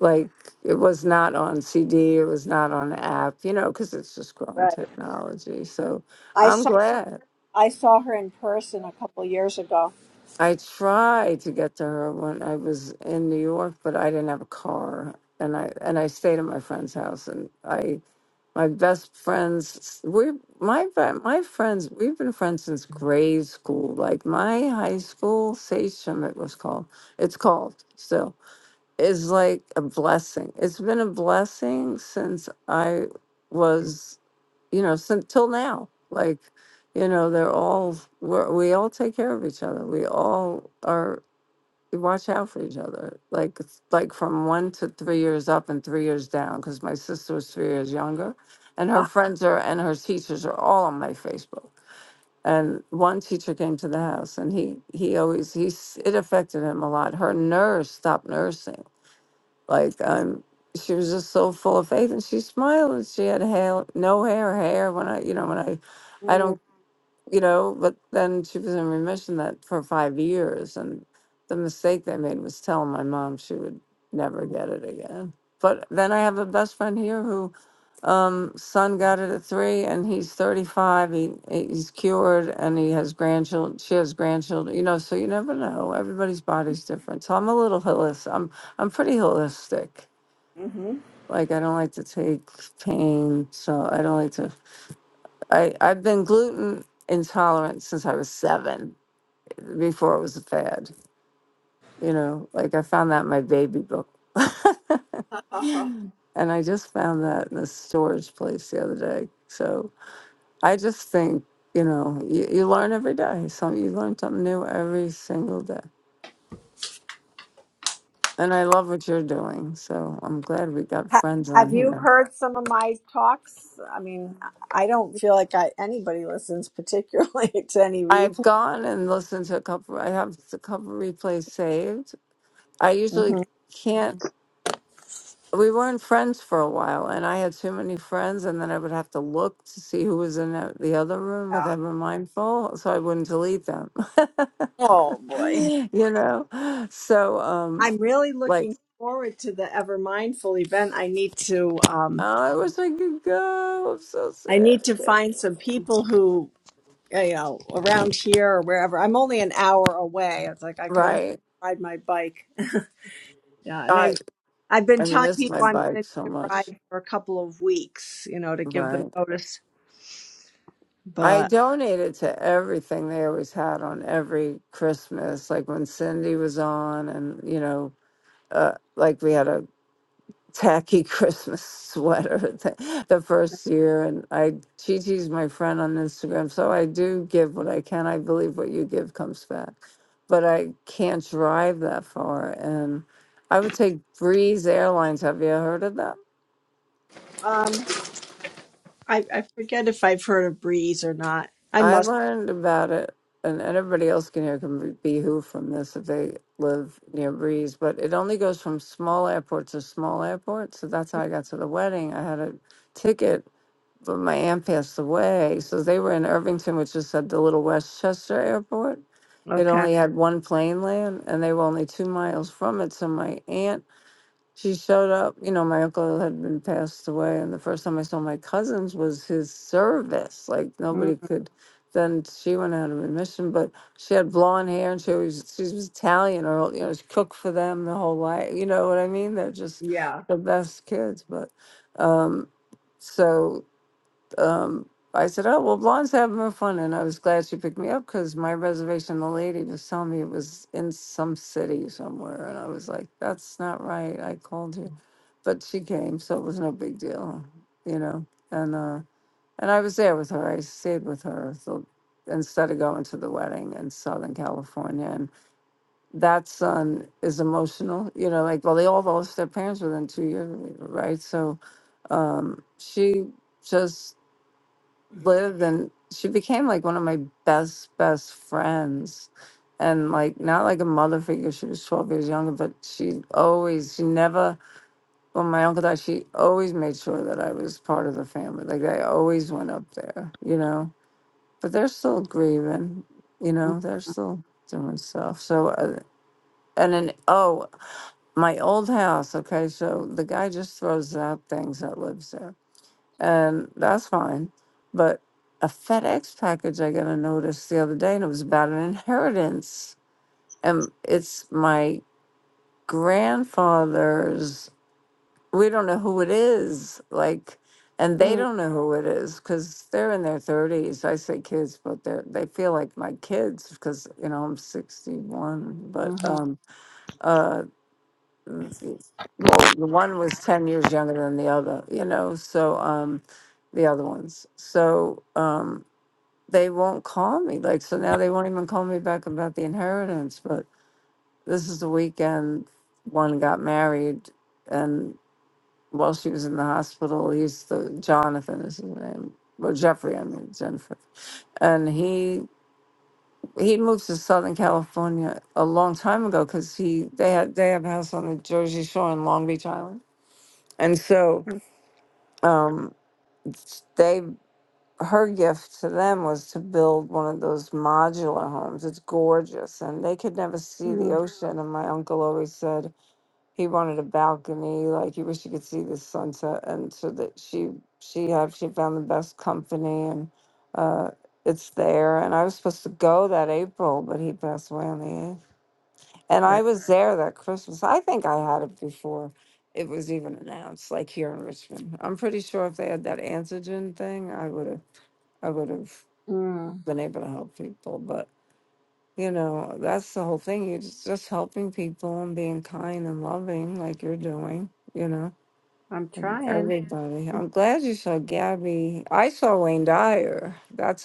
Speaker 2: like it was not on CD, it was not on the app, you know, because it's just grown
Speaker 1: Right.
Speaker 2: technology. So
Speaker 1: I
Speaker 2: I'm
Speaker 1: saw
Speaker 2: glad.
Speaker 1: I saw her in person a couple years ago.
Speaker 2: I tried to get to her when I was in New York, but I didn't have a car, and I and I stayed at my friend's house, and I my best friends we my fri- my friends we've been friends since grade school. Like my high school, Sachem it was called. It's called still is like a blessing. It's been a blessing since I was, you know, since till now. Like, you know, they're all we're, we all take care of each other. We all are we watch out for each other. Like, it's like from one to three years up and three years down. Because my sister was three years younger, and her
Speaker 1: Ah.
Speaker 2: friends are and her teachers are all on my Facebook. And one teacher came to the house, and he he always he s- it affected him a lot. Her nerves stopped nursing like I'm, she was just so full of faith, and she smiled, and she had hair, no hair, hair. When I, you know, when I, I don't
Speaker 1: mm,
Speaker 2: you know, but then she was in remission that for five years, and the mistake they made was telling my mom she would never get it again. But then I have a best friend here who, um, son got it at three, and he's thirty-five. He he's cured, and he has grandchildren. She has grandchildren, you know. So you never know. Everybody's body's different. So I'm a little holistic. I'm I'm pretty holistic.
Speaker 1: Mm-hmm.
Speaker 2: Like I don't like to take pain, so I don't like to. I, I've been gluten intolerant since I was seven, before it was a fad. You know, like I found that in my baby book. *laughs*
Speaker 1: *laughs* ha-
Speaker 2: and I just found that in the storage place the other day. So I just think, you know, you, you learn every day. Some you learn something new every single day. And I love what you're doing. So I'm glad we got friends on
Speaker 1: have you
Speaker 2: here.
Speaker 1: heard some of my talks? I mean, I don't feel like I anybody listens particularly *laughs* to any
Speaker 2: I've
Speaker 1: replay.
Speaker 2: gone and listened to a couple I have a couple replays saved. I usually
Speaker 1: hmm
Speaker 2: can't we weren't friends for a while, and I had too many friends, and then I would have to look to see who was in the the other room with
Speaker 1: Yeah.
Speaker 2: Ever Mindful, so I wouldn't delete them. *laughs*
Speaker 1: Oh boy,
Speaker 2: you know, so um,
Speaker 1: I'm really
Speaker 2: like,
Speaker 1: looking forward to the Ever Mindful event. I need to. Um,
Speaker 2: oh, I wish I could go. I'm so
Speaker 1: I
Speaker 2: sad.
Speaker 1: need to
Speaker 2: I can't
Speaker 1: find some
Speaker 2: go."
Speaker 1: people who, you know, around here or wherever. I'm only an hour away. It's like I could almost
Speaker 2: Right.
Speaker 1: ride my bike. *laughs* Yeah, and I have
Speaker 2: I
Speaker 1: I've been
Speaker 2: I
Speaker 1: telling
Speaker 2: miss my
Speaker 1: people I'm
Speaker 2: bike
Speaker 1: going
Speaker 2: so
Speaker 1: to
Speaker 2: much.
Speaker 1: ride for a couple of weeks, you know, to give them
Speaker 2: Right.
Speaker 1: notice.
Speaker 2: I
Speaker 1: But
Speaker 2: donated to everything they always had on every Christmas, like when Cindy was on, and you know, uh, like we had a tacky *laughs* Christmas sweater the, the first year. And I, Chi Chi's my friend on Instagram. So I do give what I can. I believe what you give comes back, but I can't drive that far. And I would take Breeze Airlines. Have you heard of that?
Speaker 1: um, I, I forget if I've heard of Breeze or not. I
Speaker 2: I
Speaker 1: must.
Speaker 2: learned about it, and anybody else can hear can be who from this if they live near Breeze. But it only goes from small airport to small airport. So that's how I got to the wedding. I had a ticket but my aunt passed away. So they were in Irvington, which is at the Little Westchester Airport. It
Speaker 1: Okay.
Speaker 2: only had one plane land, and they were only two miles from it. So my aunt, she showed up. You know, my uncle had been passed away, and the first time I saw my cousins was his service. Like
Speaker 1: Mm,
Speaker 2: nobody could. Then she went out of remission, but she had blonde hair, and she was she was Italian, or you know, she cooked for them the whole life. You know what I mean? They're just
Speaker 1: yeah.
Speaker 2: the best kids, but. um so um, I said, "Oh well, blondes having more fun," and I was glad she picked me up because my reservation, the lady was telling me it was in some city somewhere, and I was like, "That's not right." I called you, but she came, so it was no big deal, you know. And uh, and I was there with her. I stayed with her so, instead of going to the wedding in Southern California. And that son is emotional, you know. Like, well, they all lost their parents within two years, right? So um, she just lived and she became like one of my best best friends and like not like a mother figure she was 12 years younger but she always she never when my uncle died she always made sure that i was part of the family like i always went up there you know but they're still grieving you know they're
Speaker 1: Mm-hmm.
Speaker 2: still doing stuff so uh, and then oh my old house okay so the guy just throws out things that lives there and that's fine. But a FedEx package I got a notice the other day, and it was about an inheritance. And it's my grandfather's. We don't know who it is, like, and they
Speaker 1: Mm-hmm.
Speaker 2: don't know who it is because they're in their thirties. I say kids, but they are they feel like my kids because you know I'm sixty one. But um, uh, Mm, well, the one was 10 years younger than the other, you know, so um, the other ones. So um, they won't call me. Like, so now they won't even call me back about the inheritance. But this is the weekend one got married. And while she was in the hospital, he's the Jonathan is his name, Well, Jeffrey, I mean, Jennifer. And he he moved to Southern California a long time ago because he they had they have a house on the Jersey Shore in Long Beach Island And so um, they, her gift to them was to build one of those modular homes. It's gorgeous, and they could never see
Speaker 1: Mm-hmm.
Speaker 2: the ocean. And my uncle always said he wanted a balcony, like he wished he could see the sunset. And so that she, she had, she found the best company, and uh, it's there. And I was supposed to go that April, but he passed away on the eighth. And
Speaker 1: Right.
Speaker 2: I was there that Christmas. I think I had it before it was even announced, like here in Richmond. I'm pretty sure if they had that antigen thing, I would have I would have
Speaker 1: Mm,
Speaker 2: been able to help people. But you know, that's the whole thing. You just, just helping people and being kind and loving like you're doing, you know.
Speaker 1: I'm
Speaker 2: and
Speaker 1: trying.
Speaker 2: Everybody. I'm glad you saw Gabby. I saw Wayne Dyer. That's.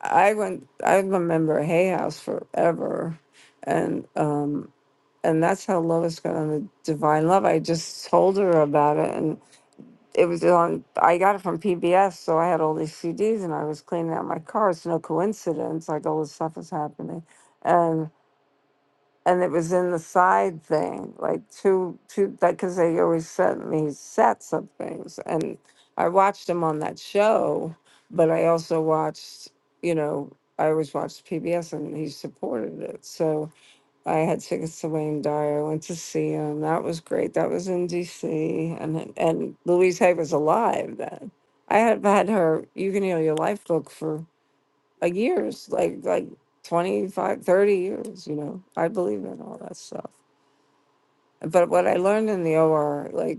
Speaker 2: I went. I remember Hay House forever, and um, and that's how Lois got on the Divine Love. I just told her about it, and it was on. I got it from PBS, so I had all these CDs, and I was cleaning out my car. It's no coincidence. Like all this stuff is happening, and and it was in the side thing, like two, two, like, because they always sent me sets of things. And I watched them on that show, but I also watched, you know, I always watched PBS and he supported it. So I had tickets to Wayne Dyer. I went to see him. That was great. That was in DC. And and Louise Hay was alive then. I had had her You Can Heal Your Life book for like years, like like 25, 30 years, you know. I believe in all that stuff. But what I learned in the OR, like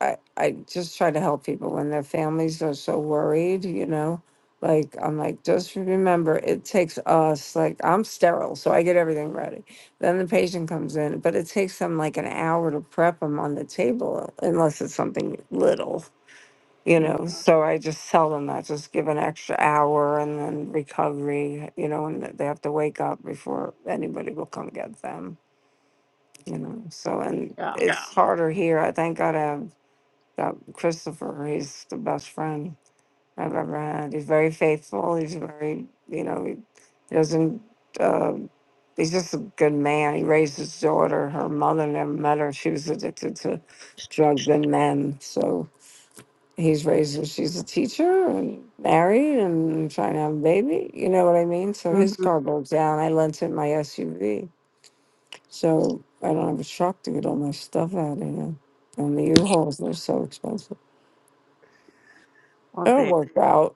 Speaker 2: I, I just try to help people when their families are so worried, you know. Like I'm like, just remember it takes us like I'm sterile, so I get everything ready. Then the patient comes in, but it takes them like an hour to prep them on the table unless it's something little you
Speaker 1: Mm,
Speaker 2: know so i just tell them that just give an extra hour and then recovery you know and that they have to wake up before anybody will come get them you know so and
Speaker 1: Yeah.
Speaker 2: it's Yeah. harder here i thank god i have got christopher he's the best friend i've ever had he's very faithful he's very you know he, he doesn't uh, he's just a good man he raised his daughter her mother never met her she was addicted to drugs and men so he's raised her. She's a teacher and married and trying to have a baby. You know what I mean? So his
Speaker 1: hmm
Speaker 2: car broke down. I lent him my SUV. So I don't have a truck to get all my stuff out of here. And the U-Hauls, they're so expensive.
Speaker 1: Well,
Speaker 2: It'll
Speaker 1: there.
Speaker 2: work out.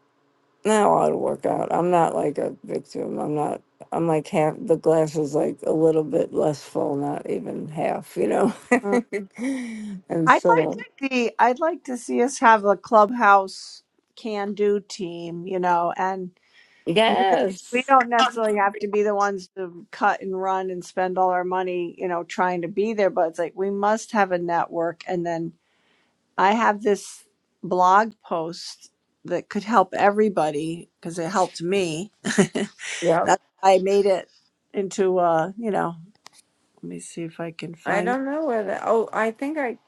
Speaker 2: No, it'll work out. I'm not like a victim. I'm not, I'm like half, the glass is like a little bit less full, not even half, you know?
Speaker 1: Mm.
Speaker 2: *laughs* and
Speaker 1: I'd like
Speaker 2: so,
Speaker 1: to see. I'd like to see us have a clubhouse can-do team. You know, and we don't. We
Speaker 2: yes.
Speaker 1: don't necessarily have to be the ones to cut and run and spend all our money. You know, trying to be there, but it's like we must have a network. And then I have this blog post that could help everybody because it helped me. *laughs*
Speaker 2: yeah.
Speaker 1: That's why I made it into uh, you know, let me see if I can
Speaker 2: I
Speaker 1: find
Speaker 2: don't know where the oh I think I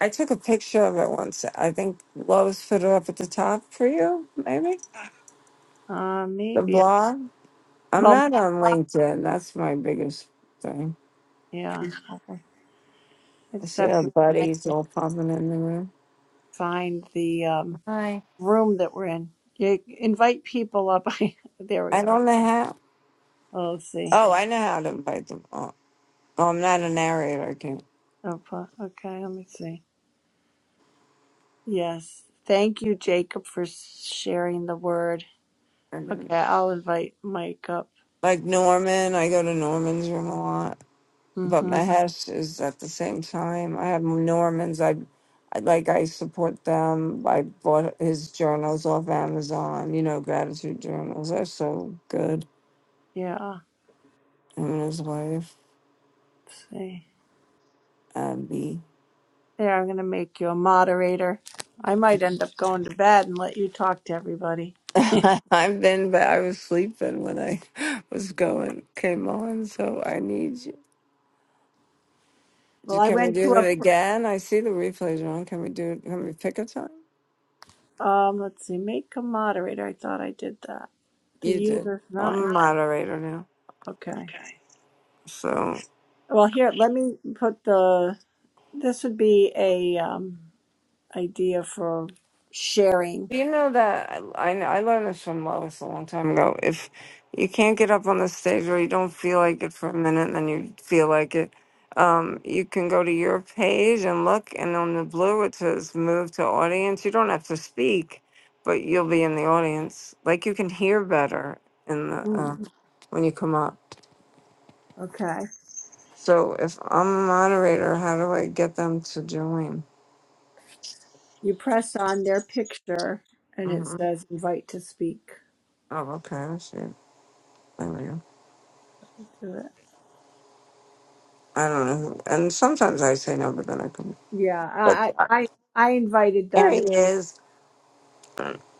Speaker 2: I took a picture of it once. I think Lois put it up at the top for you, maybe?
Speaker 1: uh
Speaker 2: The
Speaker 1: maybe
Speaker 2: blog. I'm
Speaker 1: well
Speaker 2: not on
Speaker 1: my,
Speaker 2: LinkedIn. That's my biggest thing.
Speaker 1: yeah. Okay. I
Speaker 2: I
Speaker 1: just
Speaker 2: see
Speaker 1: have
Speaker 2: our
Speaker 1: to find,
Speaker 2: buddies all popping in the room.
Speaker 1: find the um
Speaker 2: Hi.
Speaker 1: room that we're in. You invite people up. *laughs* there we
Speaker 2: I
Speaker 1: are.
Speaker 2: don't know how
Speaker 1: Oh, let's see.
Speaker 2: oh, I know how to invite them all. Oh, I'm not a narrator, I can't
Speaker 1: Oh, po- okay, let me see. Yes. Thank you, Jacob, for sharing the word.
Speaker 2: I don't-
Speaker 1: Okay, I'll invite Mike up.
Speaker 2: like Norman, I go to Norman's room a lot. but
Speaker 1: Mhm.
Speaker 2: Mahesh is at the same time. I have Norman's. I, I like I support them. I bought his journals off Amazon. You know, gratitude journals. They're so good.
Speaker 1: Yeah.
Speaker 2: Him and his wife,
Speaker 1: Let's see.
Speaker 2: Abby.
Speaker 1: There, I'm going to make you a moderator. I might end up going to bed and let you talk to everybody.
Speaker 2: *laughs* I've been, but I was sleeping when I *laughs* was going. Came on, so I need you.
Speaker 1: Well,
Speaker 2: Do-
Speaker 1: I
Speaker 2: Can we
Speaker 1: went to
Speaker 2: do it again? I see the replays on. Can we do it? Can we pick a time?
Speaker 1: a, um, let's see, make a moderator. I thought I did that. The
Speaker 2: You did.
Speaker 1: user's
Speaker 2: I'm
Speaker 1: not
Speaker 2: a
Speaker 1: in.
Speaker 2: moderator now,
Speaker 1: Okay.
Speaker 2: so.
Speaker 1: Well, here, let me put the, this would be a, um, idea for sharing.
Speaker 2: Do You know that I, I I learned this from Lois a long time ago. If you can't get up on the stage or you don't feel like it for a minute, and then you feel like it, um, you can go to your page and look, and on the blue it says "Move to Audience." You don't have to speak, but you'll be in the audience. Like you can hear better in the
Speaker 1: Hmm,
Speaker 2: um, when you come up.
Speaker 1: okay.
Speaker 2: So if I'm a moderator, how do I get them to join?
Speaker 1: You press on their picture and it
Speaker 2: hmm
Speaker 1: says invite to speak
Speaker 2: Oh, okay. I see. There we go.
Speaker 1: to it.
Speaker 2: I don't know. And sometimes I say no, but then I come.
Speaker 1: Yeah,
Speaker 2: But
Speaker 1: I,
Speaker 2: uh,
Speaker 1: I, I I invited
Speaker 2: there
Speaker 1: them
Speaker 2: he is. I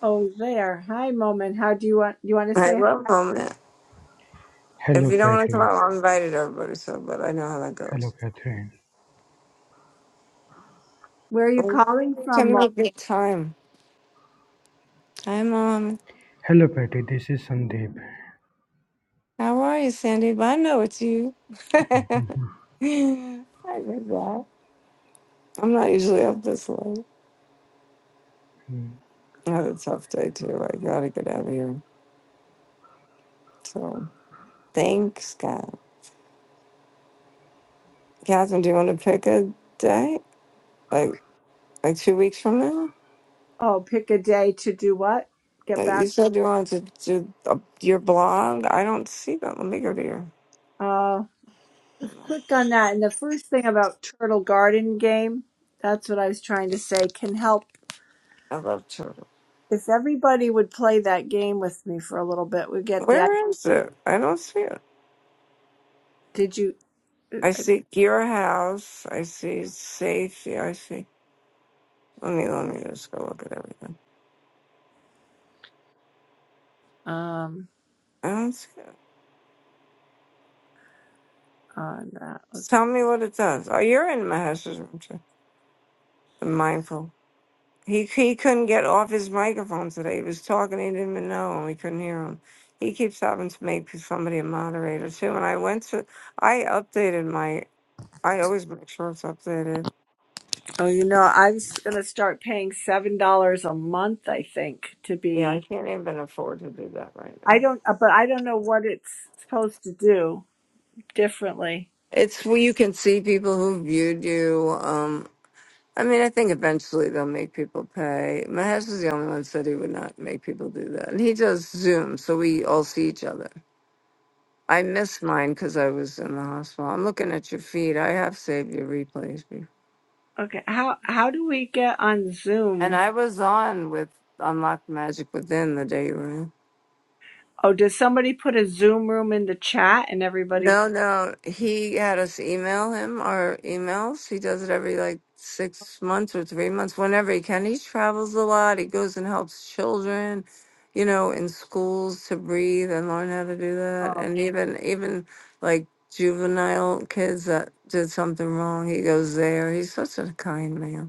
Speaker 1: Oh, there. Hi, Moment. How do you want? You want to say
Speaker 2: love him. If
Speaker 3: Hello,
Speaker 2: you don't want to come
Speaker 3: Patty.
Speaker 2: out, I invited everybody, so but I know how that
Speaker 3: Hello,
Speaker 2: goes.
Speaker 3: Catherine.
Speaker 1: where are you
Speaker 2: Well,
Speaker 1: calling
Speaker 2: maybe we
Speaker 1: from?
Speaker 2: can
Speaker 1: Mo?
Speaker 2: make good time. Hi, Mom.
Speaker 3: Hello, Patty. This is Sandeep.
Speaker 2: How are you, Sandy? But I know it's you. *laughs* I did that. I'm not usually up this late.
Speaker 3: Mhm.
Speaker 2: I had a tough day, too. I gotta get out of here. So, thanks, God. Catherine, do you want to pick a day? Like, like two weeks from now?
Speaker 1: Oh, pick a day to do what? Get
Speaker 2: that
Speaker 1: back.
Speaker 2: you said you wanted to do uh, your blog. I don't see that. Let me go to your.
Speaker 1: Uh, click on that, and the first thing about Turtle Garden game. That's what I was trying to say. Can help
Speaker 2: I love children.
Speaker 1: if everybody would play that game with me for a little bit. We get the. I-
Speaker 2: Where is it? I don't see it.
Speaker 1: Did you?
Speaker 2: I
Speaker 1: uh,
Speaker 2: see your house. I see safety. I see. Let me let me just go look at everything.
Speaker 1: Um,
Speaker 2: I don't see it.
Speaker 1: on that.
Speaker 2: Just
Speaker 1: Let's.
Speaker 2: tell me what it does. Oh, you're in Mahesh's room too. I'm mindful. He he couldn't get off his microphone today. He was talking. He didn't even know, and we couldn't hear him. He keeps having to make somebody a moderator too. And I went to I updated my I always make sure it's updated.
Speaker 1: Oh, you know, I was gonna start paying seven dollars a month. I think to
Speaker 2: Yeah, I
Speaker 1: be.
Speaker 2: can't even afford to do that right
Speaker 1: I
Speaker 2: now.
Speaker 1: don't, uh, but I don't know what it's supposed to do. differently.
Speaker 2: It's where you can see people who viewed you. Um, I mean, I think eventually they'll make people pay. My husband's the only one said he would not make people do that, and he does Zoom, so we all see each other. I missed mine because I was in the hospital. I'm looking at your feed. I have saved your replays, before.
Speaker 1: Okay, how how do we get on
Speaker 2: and
Speaker 1: Zoom?
Speaker 2: I was on with Unlocked Magic Within the day you were in.
Speaker 1: Oh, does somebody put a Zoom room in the chat and everybody?
Speaker 2: No, no. He had us email him our emails. He does it every like six months or three months, whenever he can. He travels a lot. He goes and helps children, you know, in schools to breathe and learn how to do that.
Speaker 1: Oh,
Speaker 2: And even even like juvenile kids that did something wrong, he goes there. He's such a kind man.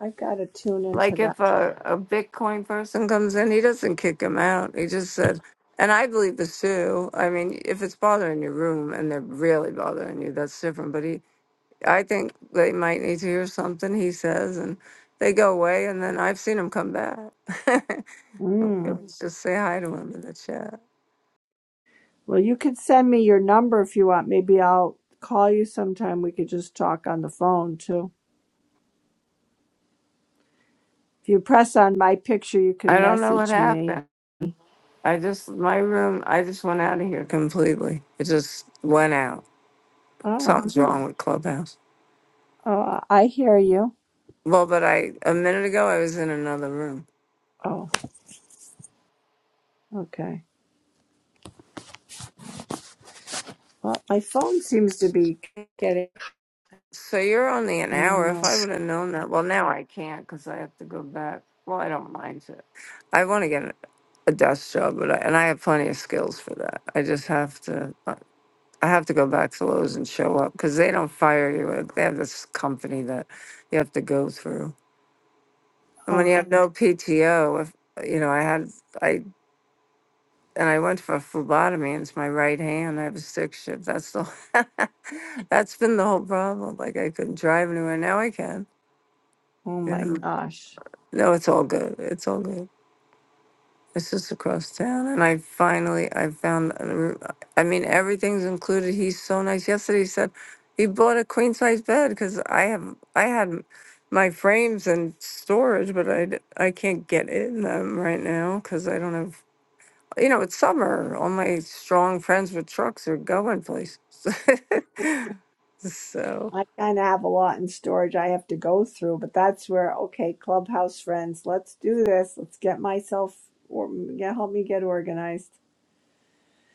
Speaker 1: I gotta tune into
Speaker 2: Like
Speaker 1: that.
Speaker 2: if a, a Bitcoin person comes in, he doesn't kick him out. He just said, and I believe this too. I mean, if it's bothering your room and they're really bothering you, that's different. But he, I think they might need to hear something he says, and they go away, and then I've seen him come back. *laughs*
Speaker 1: Mm.
Speaker 2: They'll just say hi to him in the chat.
Speaker 1: Well, you can send me your number if you want. Maybe I'll call you sometime. We could just talk on the phone too. If you press on my picture, you
Speaker 2: I
Speaker 1: can
Speaker 2: don't know what
Speaker 1: message me.
Speaker 2: happened. I just my room. I just went out of here completely. It just went out.
Speaker 1: Oh,
Speaker 2: Something's wrong with Clubhouse.
Speaker 1: oh, I hear you.
Speaker 2: Well, but I a minute ago I was in another room.
Speaker 1: Oh, okay. Well, my phone seems to be getting.
Speaker 2: So you're only an
Speaker 1: I don't
Speaker 2: hour.
Speaker 1: know.
Speaker 2: If I would have known that, well, now I can't because I have to go back. Well, I don't mind it. I want to get a desk job, but I, and I have plenty of skills for that. I just have to. uh, I have to go back to Lowe's and show up because they don't fire you. Like, They have this company that you have to go through, and when you
Speaker 1: Okay.
Speaker 2: have no PTO, if you know, I had I and I went for phlebotomy, and it's my right hand. I have a stick shift. That's the *laughs* that's been the whole problem. Like I couldn't drive anywhere. Now I can.
Speaker 1: Oh
Speaker 2: You know.
Speaker 1: my
Speaker 2: Mhm.
Speaker 1: gosh.
Speaker 2: No, it's all good. It's all good. It's just across town, and I finally I found. a roo- I mean, everything's included. He's so nice. Yesterday he said he bought a queen size bed because I have I had m- my frames in storage, but I d- I can't get in them right now because I don't have you know, it's summer. All my strong friends with trucks are going places. *laughs* so
Speaker 1: I kind of have a lot in storage I have to go through, but that's where, okay, Clubhouse friends, let's do this. Let's get myself or yeah, help me get organized.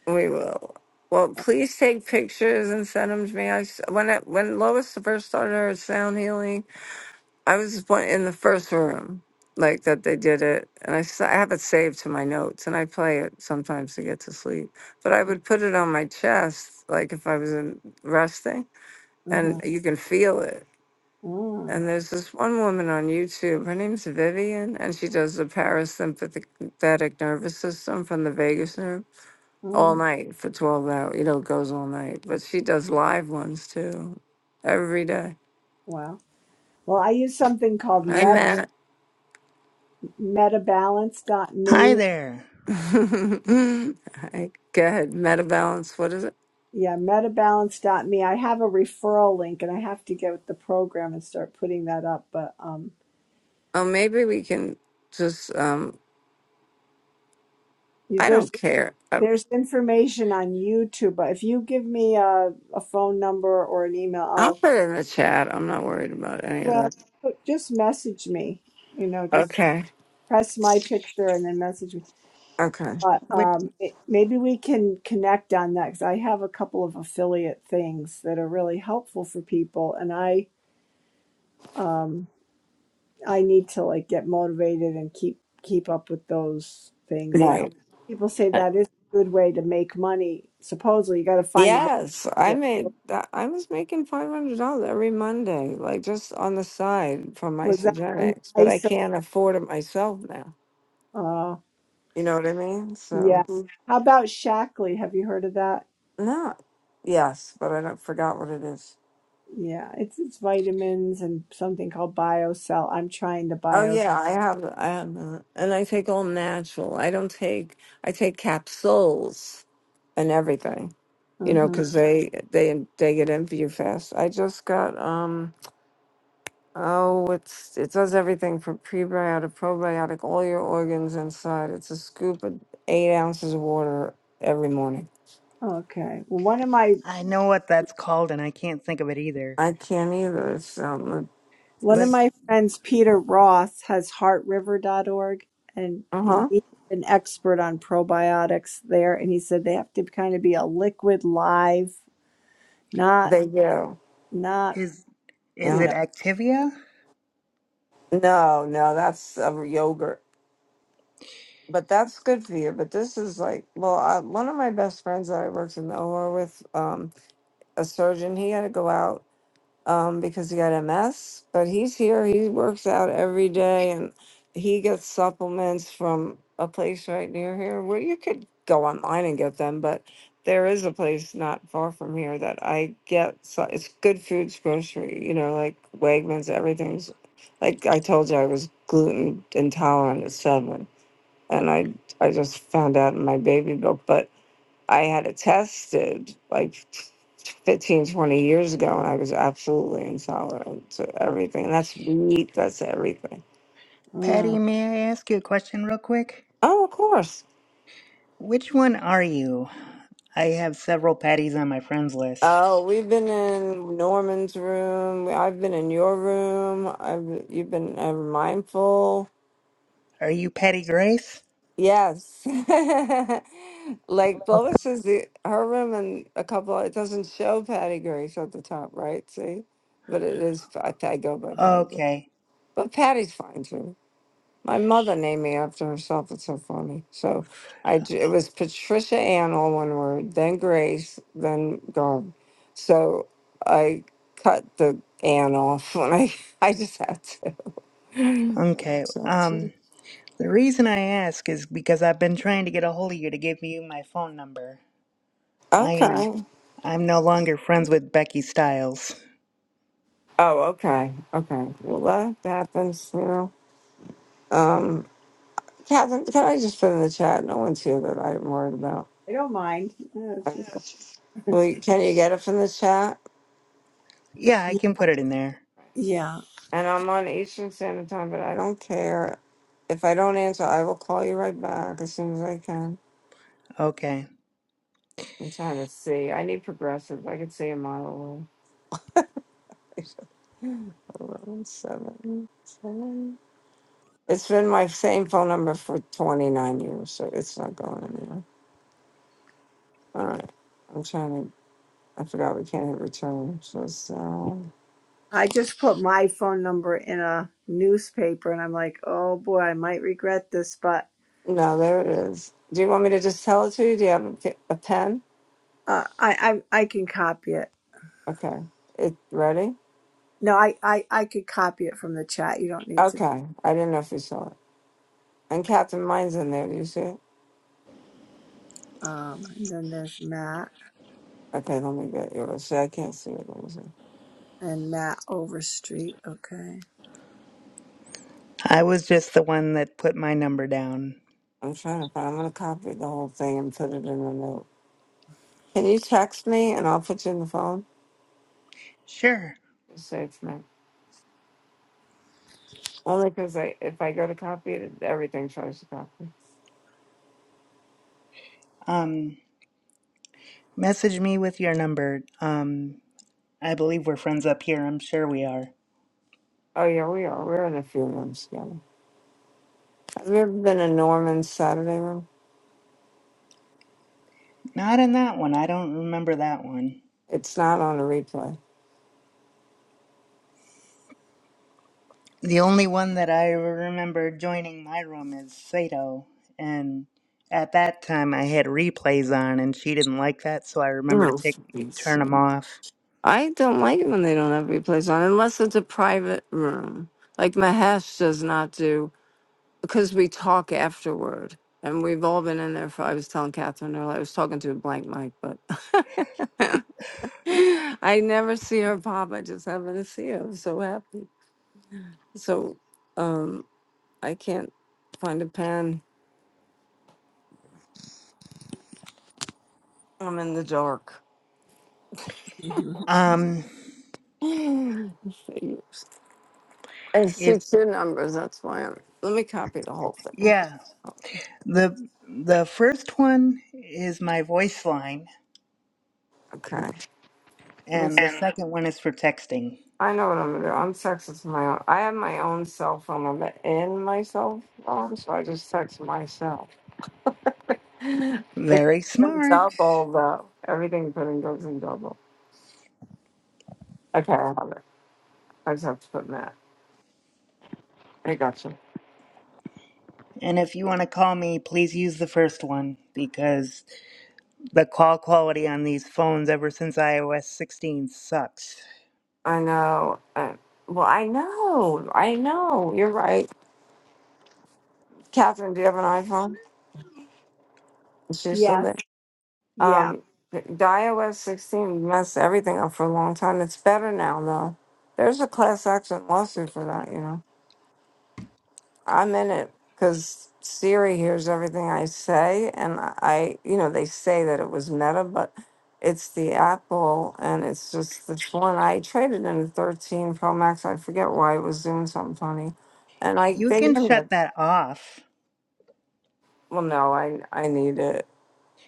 Speaker 2: we will. Well, please take pictures and send them to me. I s when I, when Lois first started her sound healing, I was one- in the first room, like that they did it, and I, s- I have it saved to my notes, and I play it sometimes to get to sleep. But I would put it on my chest, like if I was in resting,
Speaker 1: Mm-hmm.
Speaker 2: and you can feel it
Speaker 1: Mm,
Speaker 2: And there's this one woman on YouTube. Her name's Vivian, and she does the parasympathetic nervous system from the vagus nerve all
Speaker 1: mm.
Speaker 2: night for 12 hours. You know, it goes all night. But she does live ones too, every day.
Speaker 1: Wow. Well, I use something called
Speaker 2: I
Speaker 1: meta,
Speaker 2: met.
Speaker 4: Hi
Speaker 1: metabalance.me.
Speaker 4: there.
Speaker 2: *laughs* I, go ahead, metabalance. What is it?
Speaker 1: Yeah, metabalance.me. I have a referral link and I have to get with the program and start putting that up. But um,
Speaker 2: Oh, maybe we can just. um
Speaker 1: you-
Speaker 2: I
Speaker 1: there's
Speaker 2: don't care. I,
Speaker 1: there's information on YouTube. But if you give me a, a phone number or an email,
Speaker 2: I'll put it in the chat. I'm not worried about any of
Speaker 1: Well,
Speaker 2: that.
Speaker 1: but just message me, you know, just
Speaker 2: Okay.
Speaker 1: press my picture and then message me.
Speaker 2: Okay.
Speaker 1: But
Speaker 4: What
Speaker 1: um, it, maybe we can connect on that because I have a couple of affiliate things that are really helpful for people, and I um, I need to like get motivated and keep keep up with those things. And
Speaker 2: Right.
Speaker 1: people say that is a good way to make money. Supposedly, you got to find the right
Speaker 2: Yes, I
Speaker 1: affiliate.
Speaker 2: made that. I was making five hundred dollars every Monday, like just on the side from
Speaker 1: Was that from
Speaker 2: isogenics,
Speaker 1: the
Speaker 2: but I
Speaker 1: ISO?
Speaker 2: can't afford it myself now.
Speaker 1: Uh,
Speaker 2: You know what I mean? So
Speaker 1: yeah.
Speaker 2: Mm.
Speaker 1: How about Shackley? Have you heard of that?
Speaker 2: no, yes, but I don't forgot what it is.
Speaker 1: Yeah, it's it's vitamins and something called BioCell. I'm trying the
Speaker 2: Oh
Speaker 1: Bio.
Speaker 2: yeah, I have. I have, that. and I take all natural. I don't take. I take capsules and everything. You
Speaker 1: uh
Speaker 2: know,
Speaker 1: huh.
Speaker 2: because they they they get in for you fast. I just got um. Oh, it's it does everything from prebiotic, probiotic, all your organs inside. It's a scoop of eight ounces of water every morning.
Speaker 1: Okay. Well, one of my
Speaker 4: I know what that's called and I can't think of it either.
Speaker 2: I can't either. It's um,
Speaker 1: one of
Speaker 4: But
Speaker 2: it's
Speaker 1: my friends, Peter Roth, has heartriver.org, and
Speaker 2: uh huh.
Speaker 1: he's an expert on probiotics there. And he said they have to kind of be a liquid live, not
Speaker 2: They do.
Speaker 1: not
Speaker 4: is is
Speaker 1: you
Speaker 2: Yeah.
Speaker 4: it
Speaker 1: know.
Speaker 4: Activia?
Speaker 2: No, no, that's uh, yogurt, but that's good for you. But this is like, well, I, one of my best friends that I worked in the OR with, um, a surgeon. He had to go out um, because he got MS. But he's here. He works out every day, and he gets supplements from a place right near here where you could go online and get them. But there is a place not far from here that I get. So it's good foods, grocery. You know, like Wegmans. Everything's like I told you. I was gluten intolerant at seven, and I I just found out in my baby book, but. I had it tested like 15 20 years ago, and I was absolutely intolerant to everything. That's wheat, that's everything.
Speaker 4: Patty,
Speaker 1: Mm,
Speaker 4: may I ask you a question real quick?
Speaker 2: Oh, of course.
Speaker 4: Which one are you? I have several Patties on my friends list.
Speaker 2: Oh, we've been in Norman's room. I've been in your room. I've you've been ever mindful.
Speaker 4: Are you Patty Grace?
Speaker 2: Yes, *laughs* like Lois is the her room and a couple. It doesn't show Patty Grace at the top, right? See, but it is. I, I go by Patty, Grace.
Speaker 4: Okay.
Speaker 2: but Patty's fine too. My mother named me after herself. It's so funny. So I j- it was Patricia Ann, all one word, then Grace, then Garb. So I cut the Ann off when I *laughs* I just had to. I
Speaker 4: Okay.
Speaker 2: just had
Speaker 4: Um,
Speaker 2: to.
Speaker 4: the reason I ask is because I've been trying to get a hold of you to give you my phone number. I'm
Speaker 2: Okay.
Speaker 4: I'm no longer friends with Becky Stiles.
Speaker 2: Oh, okay. Okay. Well, that happens, you know. Um, Catherine, can I just put in the chat? No one's here that I'm worried about.
Speaker 1: I don't mind. Yeah, it's your
Speaker 2: Okay.
Speaker 1: fault.
Speaker 2: Well, can you get it from the chat?
Speaker 4: Yeah, I
Speaker 1: Yeah.
Speaker 4: can put it in there.
Speaker 1: Yeah.
Speaker 2: and I'm on Eastern Standard Time, but I don't care. If I don't answer, I will call you right back as soon as I can.
Speaker 4: Okay.
Speaker 2: I'm trying to see. I need progressives. I can see a mile away. *laughs* Eleven, seven, seven. It's been my same phone number for 29 years, so it's not going anywhere. All right. I'm trying to, I forgot we can't hit return. So, so,
Speaker 1: I just put my phone number in a newspaper, and I'm like, oh boy, I might regret this, but.
Speaker 2: no, there it is. Do you want me to just tell it to you? Do you have a, pe- a pen?
Speaker 1: Uh, I, I I can copy it.
Speaker 2: Okay. It ready?
Speaker 1: No, I, I I could copy it from the chat. You don't need to.
Speaker 2: Okay. I didn't know if you saw it. And Captain Mind's in there. You see it?
Speaker 1: Um, and then there's Matt
Speaker 2: Okay, let me get you. See, I can't see it. Let me see.
Speaker 1: and Matt Overstreet. Okay.
Speaker 4: I was just the one that put my number down.
Speaker 2: I'm trying to find. I'm gonna copy the whole thing and put it in a note. Can you text me and I'll put you in the phone?
Speaker 4: Sure.
Speaker 2: Just save me. Only because I, if I go to copy it, everything tries to copy.
Speaker 4: Um, message me with your number. Um, I believe we're friends up here. I'm sure we are.
Speaker 2: Oh yeah, we are. We're in a few rooms together. Have you ever been in Norman's Saturday room?
Speaker 4: Not in that one. I don't remember that one.
Speaker 2: It's not on a replay.
Speaker 4: The only one that I remember joining my room is Sato. And at that time, I had replays on, and she didn't like that, so I remember to
Speaker 2: Oh,
Speaker 4: take
Speaker 2: for Pete's
Speaker 4: turn them
Speaker 2: sake.
Speaker 4: off.
Speaker 2: I don't like it when they don't have replays on, unless it's a private room. Like Mahesh does not do because we talk afterward and we've all been in there for i was telling catherine earlier i was talking to a blank mic but *laughs* i never see her pop i just happen to see her i'm so happy so um i can't find a pen i'm in the dark
Speaker 1: hmm
Speaker 4: Um,
Speaker 2: *sighs* i see
Speaker 4: if
Speaker 2: two numbers that's why i'm let me copy the whole thing
Speaker 4: yeah, the the first one is my voice line,
Speaker 2: okay Let me
Speaker 4: and the
Speaker 2: see.
Speaker 4: second one is for texting.
Speaker 2: I know what I'm gonna do. I'm texting to my own. I have my own cell phone. I'm in my cell phone, so I just text myself. *laughs* it goes
Speaker 4: Very
Speaker 2: in
Speaker 4: smart.
Speaker 2: double though. Everything put in goes in double. Okay, I have it. I just have to put Matt. I gotcha.
Speaker 4: And if you want to call me, please use the first one because The call quality on these phones ever since iOS 16 sucks.
Speaker 2: I know. Uh, well, I know. I know. You're right. Catherine, do you have an iPhone? Is she still
Speaker 1: Yes.
Speaker 2: there?
Speaker 1: Yeah.
Speaker 2: Um, the the iOS 16 messed everything up for a long time. It's better now though. There's a class action lawsuit for that, you know. I'm in it because Siri hears everything I say, and I, you know, they say that it was Meta, but it's the Apple, and it's just the one I traded in 13 Pro Max. I forget why it was doing something funny, and I
Speaker 4: You
Speaker 2: they give
Speaker 4: can
Speaker 2: me it.
Speaker 4: shut that off.
Speaker 2: Well, no, I I need it,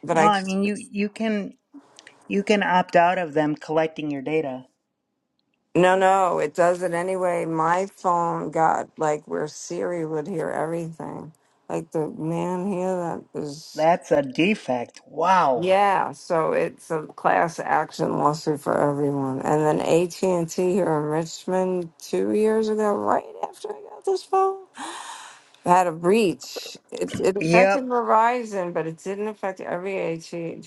Speaker 2: but
Speaker 4: No,
Speaker 2: I
Speaker 4: I mean you you can you can opt out of them collecting your data.
Speaker 2: no no it does it anyway. My phone got like where Siri would hear everything, like the man here that is.
Speaker 4: That's a defect. Wow.
Speaker 2: Yeah, so it's a class action lawsuit for everyone. And then AT&T here in Richmond 2 years ago right after I got this phone had a breach. It's it affected
Speaker 4: Yep.
Speaker 2: Verizon, but it didn't affect every AT&T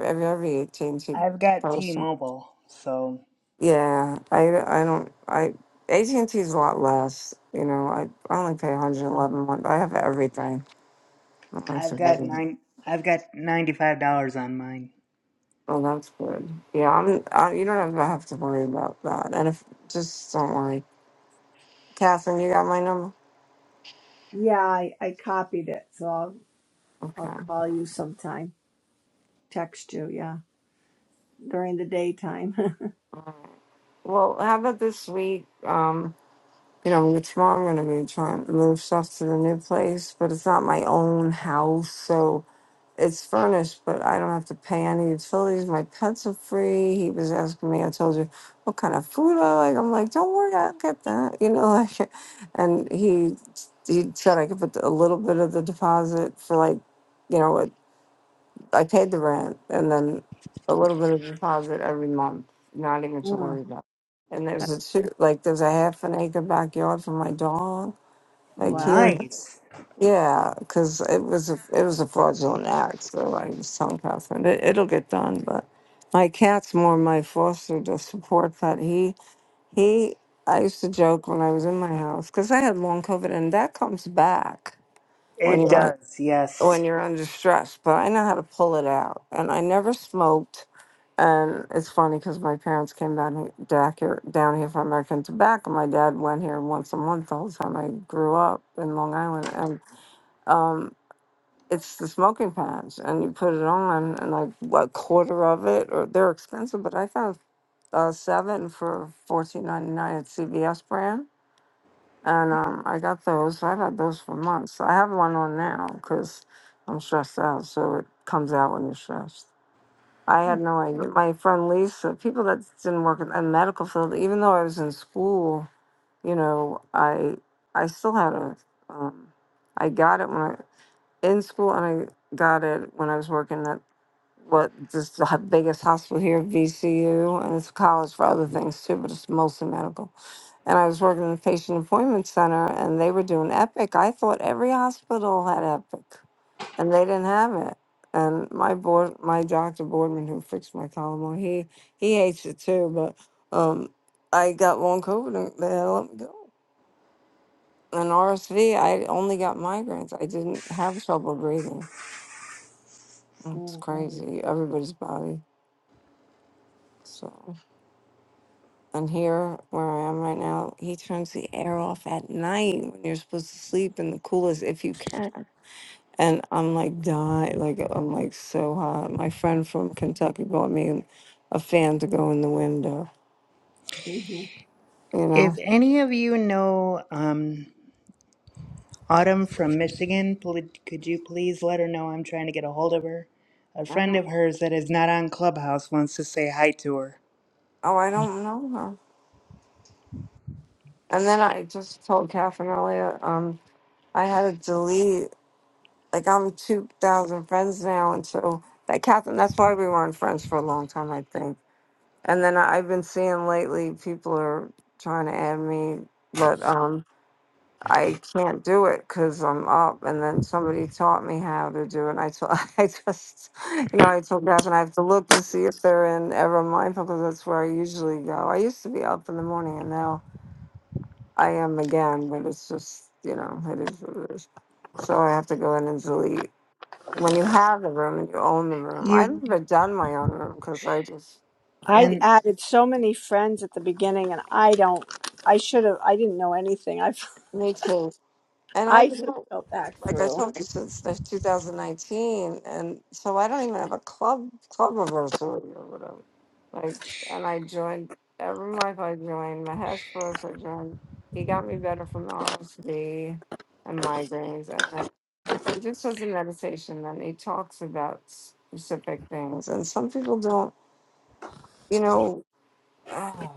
Speaker 2: every, every AT&T
Speaker 4: I've got
Speaker 2: person.
Speaker 4: T-Mobile, so
Speaker 2: Yeah, I I don't I AT&T is a lot less, you know. I, I only pay 111 a month. I have everything. I'm
Speaker 4: I've got
Speaker 2: surviving.
Speaker 4: nine I've got $95 on mine.
Speaker 2: Oh, that's good. Yeah, I'm. I, you don't have to have to worry about that. And if just don't worry, Catherine, you got my number.
Speaker 1: Yeah. I, I copied it, so I'll I'll
Speaker 2: Okay.
Speaker 1: call you sometime. Text you. Yeah. During the daytime. *laughs*
Speaker 2: Well, how about this week? Um, you know, tomorrow I'm gonna be trying to move stuff to the new place, but it's not my own house, so it's furnished, but I don't have to pay any utilities. My pets are free. He was asking me, I told you, what kind of food I like. I'm like, don't worry, I'll get that. *laughs* You know, like, *laughs* and he he said I could put a little bit of the deposit for like, you know, it, I paid the rent and then a little bit of deposit every month, not even to
Speaker 1: Mm,
Speaker 2: worry about. And there's a two, like there's a half an acre backyard for my dog, like
Speaker 1: wow.
Speaker 2: here.
Speaker 4: Nice.
Speaker 2: Yeah, because it was a, it was a fraudulent act, so I was telling Catherine it, it'll get done. But my cat's more my foster to support that he he. I used to joke when I was in my house because I had long COVID, and that comes back when
Speaker 4: It
Speaker 2: you're Right.
Speaker 4: does.
Speaker 2: when
Speaker 4: Yes.
Speaker 2: you're under stress. But I know how to pull it out, and I never smoked. And it's funny because my parents came down he- back here down here from American Tobacco. My dad went here once a month the whole time I grew up in Long Island, and. um, it's the smoking pans, and you put it on, and like what quarter of it, or they're expensive, but I found uh, seven for fourteen ninety nine at CVS brand, and um, I got those. I've had those for months. I have one on now because I'm stressed out, so it comes out when you're stressed. I
Speaker 1: Mm,
Speaker 2: had no idea. My friend Lisa, people that didn't work in the medical field, even though I was in school, you know, I I still had a, um, I got it when I in school, and I got it when I was working at what this the h- biggest hospital here, VCU, and it's a college for other things too, but it's mostly medical. And I was working in the patient appointment center, and they were doing Epic. I thought every hospital had Epic, and they didn't have it. And my board, my doctor Boardman, who fixed my column, well, he he hates it too. But um, I got long COVID, and they let me go. And RSV, I only got migraines. I didn't have trouble breathing. It's Um, crazy. Everybody's body. So, and here where I am right now, he turns the air off at night when you're supposed to sleep in the coolest if you can. And I'm like dying, like I'm like so hot. My friend from Kentucky bought me a fan to go in the window.
Speaker 1: mhm.
Speaker 2: You know,
Speaker 4: If any of you know um Autumn from Michigan, pl- could you please let her know I'm trying to get a hold of her? A
Speaker 2: I
Speaker 4: friend
Speaker 2: don't.
Speaker 4: of hers that is not on Clubhouse wants to say hi to her.
Speaker 2: Oh, I don't know her. And then I just told Catherine earlier, um, I had to delete. Like I'm two thousand friends now, and so that Catherine. That's why we weren't friends for a long time, I think And then I- I've been seeing lately people are trying to add me, but um, I can't do it because I'm up. And then somebody taught me how to do it. And I told, *laughs* I just, you know, I told Beth, and I have to look to see if they're in Ever Mindful because that's where I usually go. I used to be up in the morning, and now I am again. But it's just, you know, it is what it is. So I have to go in and delete. When you have the room and you own the room,
Speaker 4: You
Speaker 2: I've never done my own room because I just,
Speaker 1: I
Speaker 2: I,
Speaker 4: and
Speaker 1: added so many friends at the beginning, and I don't. I should have. I didn't know anything. I
Speaker 2: me too.
Speaker 1: *laughs*
Speaker 2: And
Speaker 1: I
Speaker 2: I've
Speaker 1: should
Speaker 2: been
Speaker 1: have go back
Speaker 2: like I
Speaker 1: through.
Speaker 2: told you since the 2019, and so I don't even have a club club anniversary or whatever. Like, and I joined every month. I joined Mahesh first. I joined. He got me better from the RSV and migraines, and then he just does a meditation and he talks about specific things. And some people don't, you know. *sighs*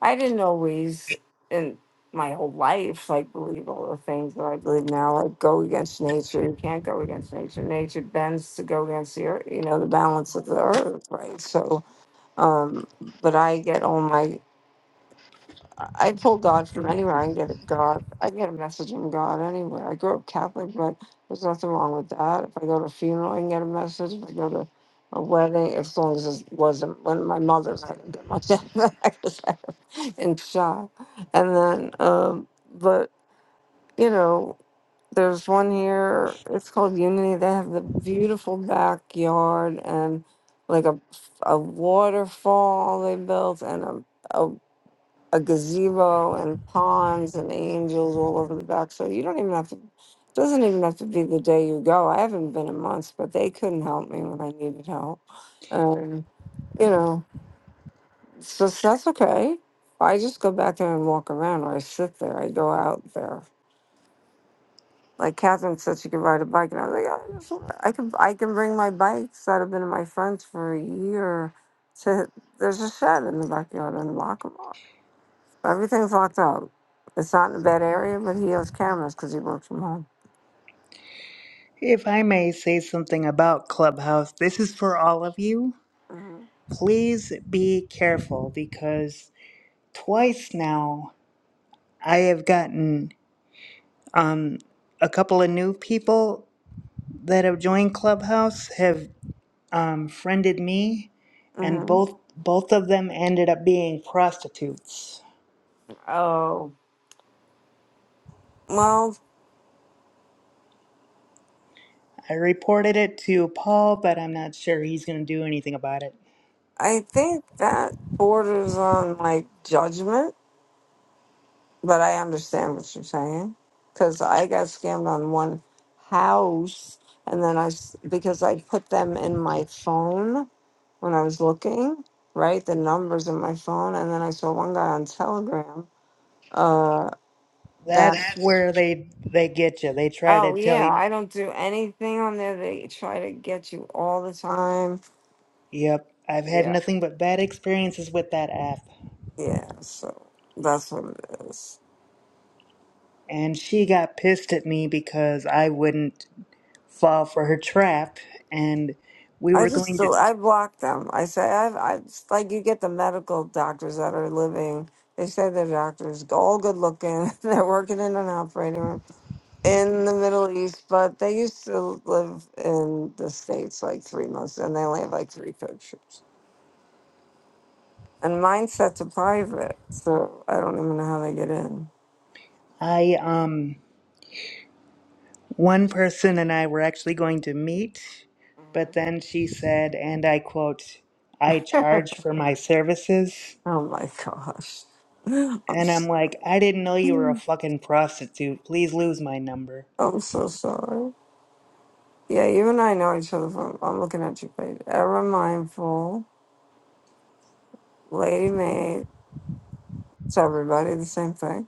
Speaker 2: I didn't always in my whole life like believe all the things that I believe now, like go against nature. You can't go against nature. Nature bends to go against the earth, you know, the balance of the earth, right? So um but I get all my I I pull God from anywhere. I can get it God. I can get a message from God anywhere. I grew up Catholic, but there's nothing wrong with that. If I go to a funeral, I can get a message. If I go to a wedding, as long as it wasn't when my mother's, I didn't get much *laughs* of that I was in shock. And then, um, but you know, there's one here. It's called Unity. They have the beautiful backyard and like a a waterfall they built and a a a gazebo and ponds and angels all over the back. So you don't even have to. it Doesn't even have to be the day you go. I haven't been in months, but they couldn't help me when I needed help. And you know, so so that's okay. I just go back there and walk around, or I sit there. I go out there. Like Catherine said, she could ride a bike, and I was like, I, just, I can, I can bring my bikes that have been in my friends for a year. To there's a shed in the backyard and lock them up. Everything's locked up. It's not in a bad area, but he has cameras because he works from home.
Speaker 4: if I may say something about Clubhouse, this is for all of you.
Speaker 2: hmm
Speaker 4: Please be careful because twice now I have gotten um, a couple of new people that have joined Clubhouse have um, friended me, and
Speaker 2: hmm
Speaker 4: both both of them ended up being prostitutes.
Speaker 2: Oh, well,
Speaker 4: I reported it to Paul, but I'm not sure he's going to do anything about it.
Speaker 2: I think that borders on like judgment, but I understand what you're saying because I got scammed on one house, and then I s- because I put them in my phone when I was looking, right? The numbers in my phone, and then I saw one guy on Telegram. Uh,
Speaker 4: That's
Speaker 2: that.
Speaker 4: where they they get you. They try to
Speaker 2: Oh
Speaker 4: tell
Speaker 2: yeah,
Speaker 4: you.
Speaker 2: I don't do anything on there. They try to get you all the time.
Speaker 4: Yep, I've had
Speaker 2: Yeah,
Speaker 4: nothing but bad experiences with that app.
Speaker 2: yeah. So that's what it is.
Speaker 4: And she got pissed at me because I wouldn't fall for her trap, and we
Speaker 2: I
Speaker 4: were
Speaker 2: just
Speaker 4: going to.
Speaker 2: do. I block them. I say I've. I it's like you get the medical doctors that are living. They say they're doctors, all good looking. *laughs* They're working in an operating room in the Middle East, but they used to live in the states like three months, and they only have like three pictures. And mine's set to private, so I don't even know how they get in.
Speaker 4: I um. One person and I were actually going to meet, but then she said, and I quote, I
Speaker 2: *laughs*
Speaker 4: charge for my services.
Speaker 2: Oh my gosh. *laughs* I'm
Speaker 4: And
Speaker 2: s-
Speaker 4: I'm like, I didn't know you were a
Speaker 2: I'm
Speaker 4: fucking prostitute. Please lose my number.
Speaker 2: so sorry. Yeah, you and I know each other from I'm looking at you page. Ever mindful, lady maid. It's everybody the same thing.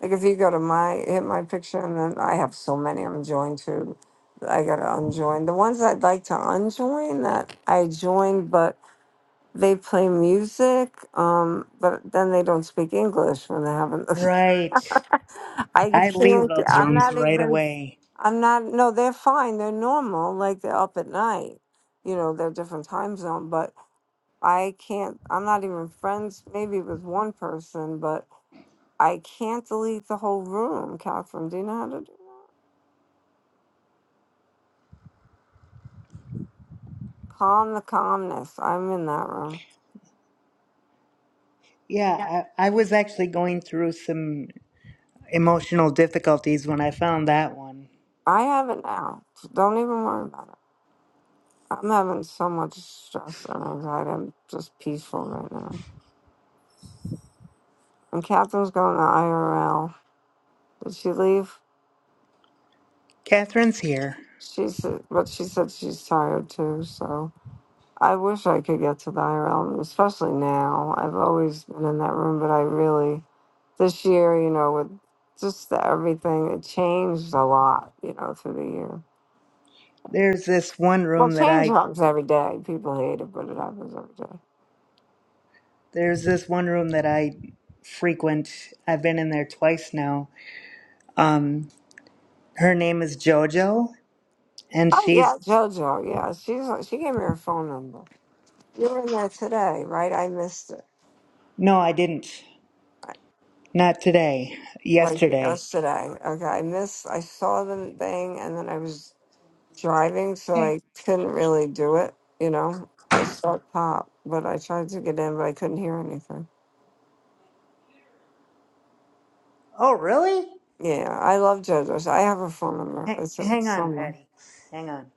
Speaker 2: Like if you go to my hit my picture and then I have so many I'm joined to that I gotta unjoin. The ones I'd like to unjoin that I joined but They play music, um, but then they don't speak English when they haven't. *laughs*
Speaker 4: Right.
Speaker 2: I
Speaker 4: I leave
Speaker 2: can't.
Speaker 4: those
Speaker 2: I'm
Speaker 4: rooms
Speaker 2: not
Speaker 4: right
Speaker 2: even.
Speaker 4: away.
Speaker 2: I'm not. No, they're fine. They're normal. Like they're up at night. You know, they're different time zone. But I can't. I'm not even friends. Maybe with one person, but I can't delete the whole room. Catherine, do you know how to do? it? Calm the calmness. I'm in that room.
Speaker 4: Yeah, I, I was actually going through some emotional difficulties when I found that one.
Speaker 2: I have it now. so Don't even worry about it. I'm having so much stress and anxiety. I'm just peaceful right now. And Catherine's going to IRL. Did she leave?
Speaker 4: Catherine's here.
Speaker 2: She said, but she said she's tired too. So I wish I could get to the IRL, especially now. I've always been in that room, but I really this year, you know, with just the, everything, it changed a lot, you know, through the year.
Speaker 4: There's this one
Speaker 2: Well,
Speaker 4: room that
Speaker 2: change
Speaker 4: I
Speaker 2: happens every day. People hate it, but it happens every day.
Speaker 4: there's this one room that I frequent. I've been in there twice now Um, her name is JoJo, and
Speaker 2: Oh yeah,
Speaker 4: she's.
Speaker 2: JoJo. Yeah, she's she gave me her phone number. You were in there today, right? I missed it,
Speaker 4: No, I didn't.
Speaker 2: I-
Speaker 4: Not today.
Speaker 2: like
Speaker 4: Yesterday.
Speaker 2: yesterday. Okay, I missed. I saw the thing, and then I was driving, so
Speaker 4: Okay.
Speaker 2: I couldn't really do it. You know, I saw it pop, but I tried to get in, but I couldn't hear anything.
Speaker 4: Oh, really?
Speaker 2: Yeah, I love JoJo's. I have her phone number.
Speaker 4: H-
Speaker 2: It's a-
Speaker 4: hang on,
Speaker 2: someone.
Speaker 4: Patty. Hang on.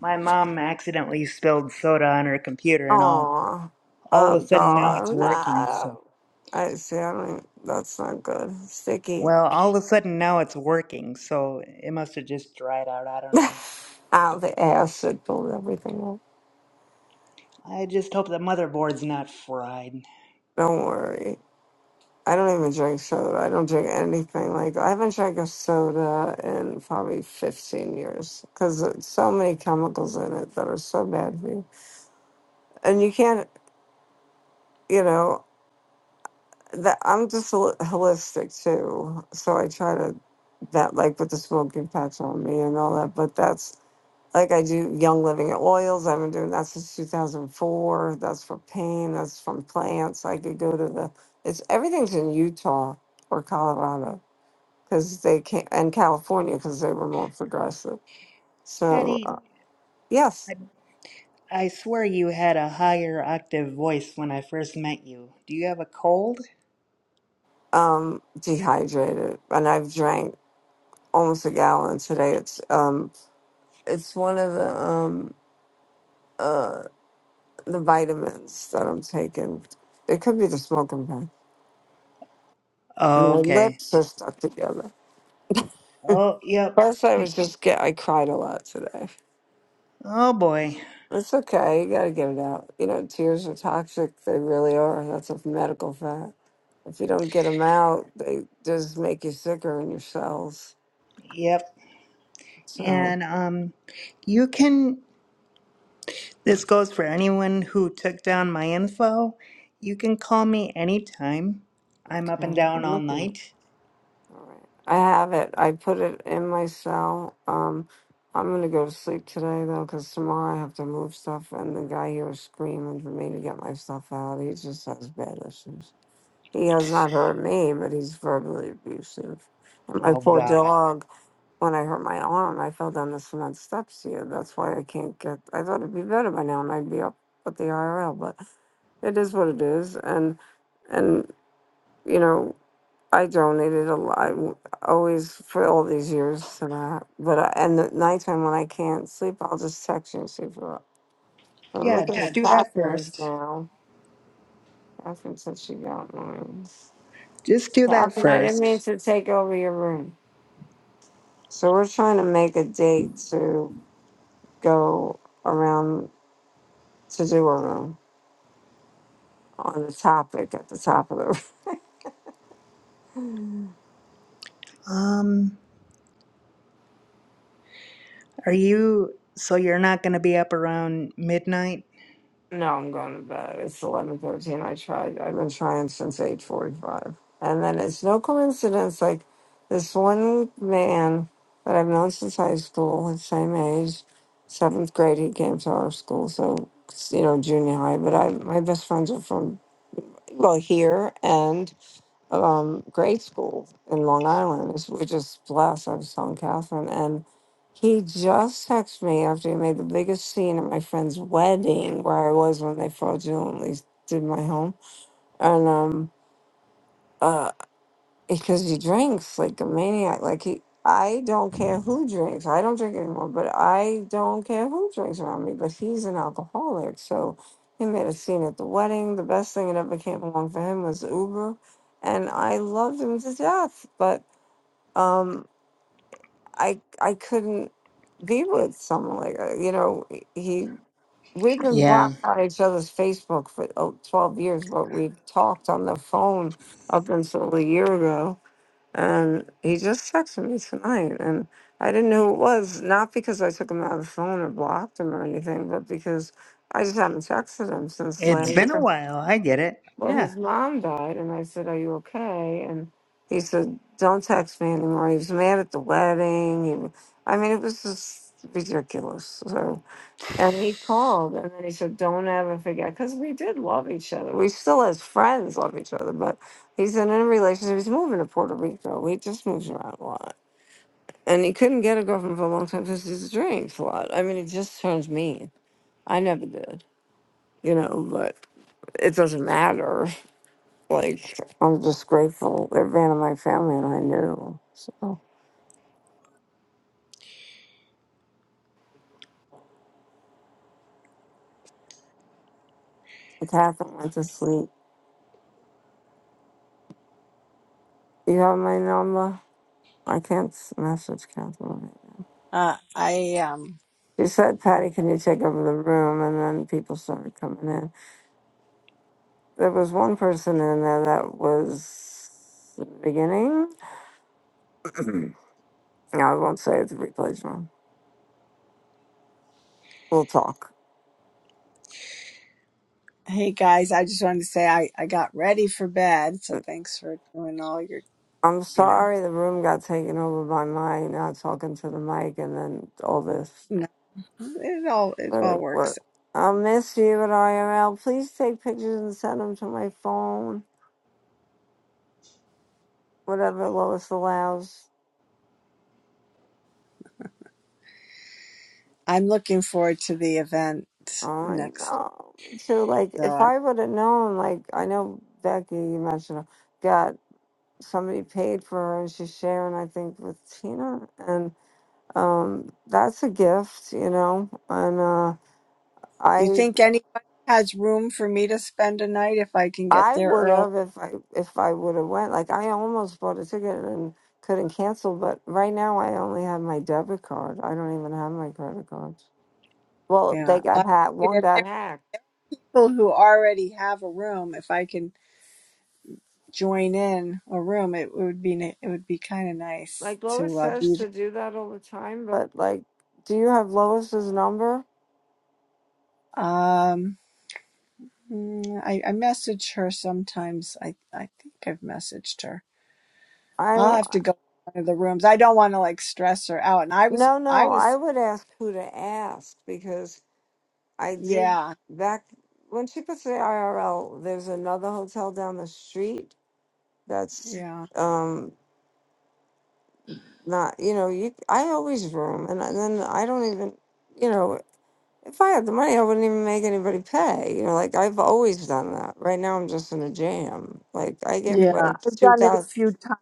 Speaker 4: My mom accidentally spilled soda on her computer, and all
Speaker 2: Aw,
Speaker 4: all
Speaker 2: oh
Speaker 4: of a sudden now it's
Speaker 2: God,
Speaker 4: working. So,
Speaker 2: no. I see. I don't. even- That's not good. Sticky.
Speaker 4: well, all of a sudden now it's working. So it must have just dried out. I
Speaker 2: *laughs*
Speaker 4: don't know,
Speaker 2: Ow,
Speaker 4: but
Speaker 2: the acid pulled everything up.
Speaker 4: I just hope the motherboard's not fried.
Speaker 2: Don't worry. I don't even drink soda. I don't drink anything like I haven't drank a soda in probably 15 years because it's so many chemicals in it that are so bad for you. And you can't, you know, that I'm just hol- holistic too. So I try to that like with the smoking patch on me and all that, but that's like I do Young Living oils. I've been doing that since 2004. That's for pain. That's from plants. I could go to the. It's everything's in Utah or Colorado because they came and California because they were more progressive. So
Speaker 4: Patty,
Speaker 2: uh, yes,
Speaker 4: I swear you had a higher octave voice when I first met you. Do you have a cold?
Speaker 2: um, dehydrated, and I've drank almost a gallon today. It's um, it's one of the um, uh, the vitamins that I'm taking. It could be the smoking gun.
Speaker 4: Oh,
Speaker 2: My
Speaker 4: okay.
Speaker 2: lips are stuck together.
Speaker 4: Oh, yep.
Speaker 2: Plus, I was just get. I cried a lot today.
Speaker 4: Oh boy.
Speaker 2: It's okay. You got to get it out. You know, tears are toxic. They really are. That's a medical fact. If you don't get them out, they just make you sicker in your cells.
Speaker 4: Yep.
Speaker 2: So
Speaker 4: And um you can this goes for anyone who took down my info. You can call me anytime. I'm up and
Speaker 2: okay,
Speaker 4: down
Speaker 2: I'm
Speaker 4: all
Speaker 2: looking. at
Speaker 4: night.
Speaker 2: All right. I have it. I put it in my cell. Um, I'm gonna go to sleep today though, because tomorrow I have to move stuff, and the guy here is screaming for me to get my stuff out. He just has bad issues. He has not hurt me, but he's verbally abusive. And my
Speaker 4: Oh
Speaker 2: poor
Speaker 4: god.
Speaker 2: dog. When I hurt my arm, I fell down the cement steps here. That's why I can't get. I thought it'd be better by now, and I'd be up with the IRL. But it is what it is, and and you know I donated a lot. I w- always for all these years, and I, but I, and the nighttime when I can't sleep, I'll just text you and see if you're up. I'm
Speaker 4: Yeah,
Speaker 2: looking
Speaker 4: just
Speaker 2: at
Speaker 4: do that
Speaker 2: Catherine's
Speaker 4: first.
Speaker 2: now. Catherine said she got mine.
Speaker 4: Just do that
Speaker 2: Catherine, I didn't mean
Speaker 4: first.
Speaker 2: to take over your room. So we're trying to make a date to go around to do on the, on the topic at the top of the. *laughs*
Speaker 4: Um are you so you're not going to be up around midnight?
Speaker 2: No, I'm going to bed. It's eleven thirteen. I tried. I've been trying since eight forty five, and then it's no coincidence. Like this one man that I've known since high school, his same age, seventh grade. He came to our school, so you know junior high. But I, my best friends are from well here and um, grade school in Long Island. It's, we're just blessed. I was telling Catherine, and he just texted me after he made the biggest scene at my friend's wedding, where I was when they fraudulently did my home, and um. uh, because he drinks like a maniac. Like he, I don't care who drinks. I don't drink anymore, but I don't care who drinks around me. But he's an alcoholic, so he made a scene at the wedding. The best thing that ever came along for him was Uber, and I loved him to death. But um, I I couldn't be with someone like that. You know, he. We've been
Speaker 4: Yeah.
Speaker 2: blocked on each other's Facebook for oh, 12 years, but we've talked on the phone up until a year ago and he just texted me tonight and i didn't know who it was not because i took him out of the phone or blocked him or anything but because i just haven't texted him since last
Speaker 4: It's been a
Speaker 2: year
Speaker 4: while. I get it.
Speaker 2: well
Speaker 4: Yeah.
Speaker 2: his mom died and i said are you okay and he said don't text me anymore he was mad at the wedding he, i mean it was just ridiculous So. And he called and then he said, Don't ever forget, because we did love each other. We still, as friends, love each other. But he's in a relationship. He's moving to Puerto Rico. We just moves around a lot. And he couldn't get a girlfriend for a long time because he drinks a lot. I mean, it just turns mean. I never did, you know, but it doesn't matter. *laughs* Like, I'm just grateful. They're van of my family and I knew. So, Catherine went to sleep. You have my number? I can't s- message Catherine.
Speaker 1: Uh, I um,
Speaker 2: She said, Patty, can you take over the room? And then people started coming in. There was one person in there that was the beginning. *clears throat* No, I won't say it's the replays room. We'll talk.
Speaker 1: hey guys, I just wanted to say I I got ready for bed, so thanks for doing all your,
Speaker 2: I'm
Speaker 1: you know,
Speaker 2: sorry the room got taken over by my not talking to the mic and then all this.
Speaker 1: no, it all it
Speaker 2: But
Speaker 1: all
Speaker 2: it
Speaker 1: works.
Speaker 2: worked. I'll miss you at IRL. Please take pictures and send them to my phone, whatever Lois allows.
Speaker 1: I'm looking forward to the event
Speaker 2: Oh, I
Speaker 1: next.
Speaker 2: know. Me too. Like,
Speaker 1: So,
Speaker 2: if
Speaker 1: I,
Speaker 2: I would have known, like, I know Becky, you mentioned, her, got somebody paid for her, and she's sharing, I think, with Tina, and um, that's a gift, you know. And uh,
Speaker 1: do you
Speaker 2: I,
Speaker 1: think anybody has room for me to spend a night if I can get
Speaker 2: I
Speaker 1: there
Speaker 2: would
Speaker 1: early?
Speaker 2: have if I if I would have went. Like, I almost bought a ticket and couldn't cancel, but right now I only have my debit card. I don't even have my credit cards. Well,
Speaker 1: Yeah,
Speaker 2: they
Speaker 1: I-
Speaker 2: got hacked.
Speaker 1: if
Speaker 2: One
Speaker 1: there are
Speaker 2: got hacked.
Speaker 1: people who already have a room, if I can join in a room, it would be ni- it would be kind of nice
Speaker 2: Like Lois
Speaker 1: to uh,
Speaker 2: says
Speaker 1: be
Speaker 2: to do that all the time, but like, do you have Lois's number?
Speaker 1: there. Um. Mm, I, I message her sometimes. I I think I've messaged her.
Speaker 2: I
Speaker 1: I'll
Speaker 2: don't.
Speaker 1: have to go to one of the rooms. I don't want to like stress her out. And I was
Speaker 2: No,
Speaker 1: I
Speaker 2: no. I
Speaker 1: was
Speaker 2: would ask who to ask because I did Yeah.
Speaker 1: yeah
Speaker 2: back when she puts the IRL. There's another hotel down the street that's Yeah.
Speaker 1: yeah
Speaker 2: um not. You know, you. I always room, and, and then I don't even. You know, if I had the money, I wouldn't even make anybody pay. You know, like I've always done that. Right now, I'm just in a jam. Like I give
Speaker 1: yeah.
Speaker 2: Yeah. like
Speaker 1: I've
Speaker 2: two
Speaker 1: done it a
Speaker 2: thousand.
Speaker 1: few times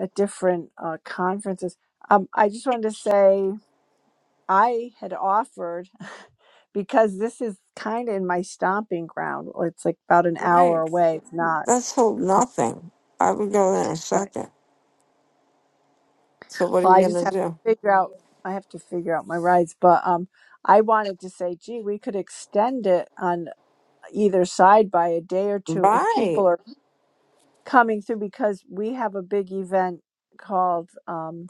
Speaker 1: at different uh, conferences. Um, I just wanted to say I had offered *laughs* because this is kind of in my stomping ground. It's like about an hour
Speaker 2: Right.
Speaker 1: away. It's not
Speaker 2: Let's hope
Speaker 1: across.
Speaker 2: nothing. I would go there in a
Speaker 1: right?
Speaker 2: second. So what are
Speaker 1: Well,
Speaker 2: you
Speaker 1: I just
Speaker 2: gonna
Speaker 1: have to
Speaker 2: do?
Speaker 1: figure out. I have to figure out my rides, but um, I wanted to say, gee, we could extend it on either side by a day or two if
Speaker 2: Right.
Speaker 1: people are coming through because we have a big event called um,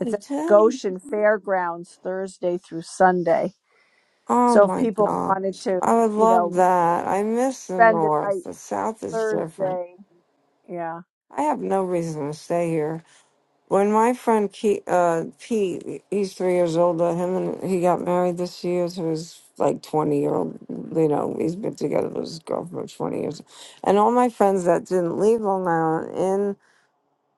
Speaker 1: it's at
Speaker 2: Tim.
Speaker 1: Goshen Fairgrounds Thursday through Sunday.
Speaker 2: Oh
Speaker 1: So if
Speaker 2: my
Speaker 1: people wanted
Speaker 2: gosh.
Speaker 1: to,
Speaker 2: I would
Speaker 1: you
Speaker 2: love
Speaker 1: know,
Speaker 2: that. I miss the
Speaker 1: spend the
Speaker 2: North.
Speaker 1: night
Speaker 2: The South is different.
Speaker 1: Thursday, yeah.
Speaker 2: I have no reason to stay here. When my friend Ke- uh, Pete, he's three years older. Him and he got married this year to his like twenty year old. You know, he's been together with his girlfriend for twenty years. And all my friends that didn't leave Long Island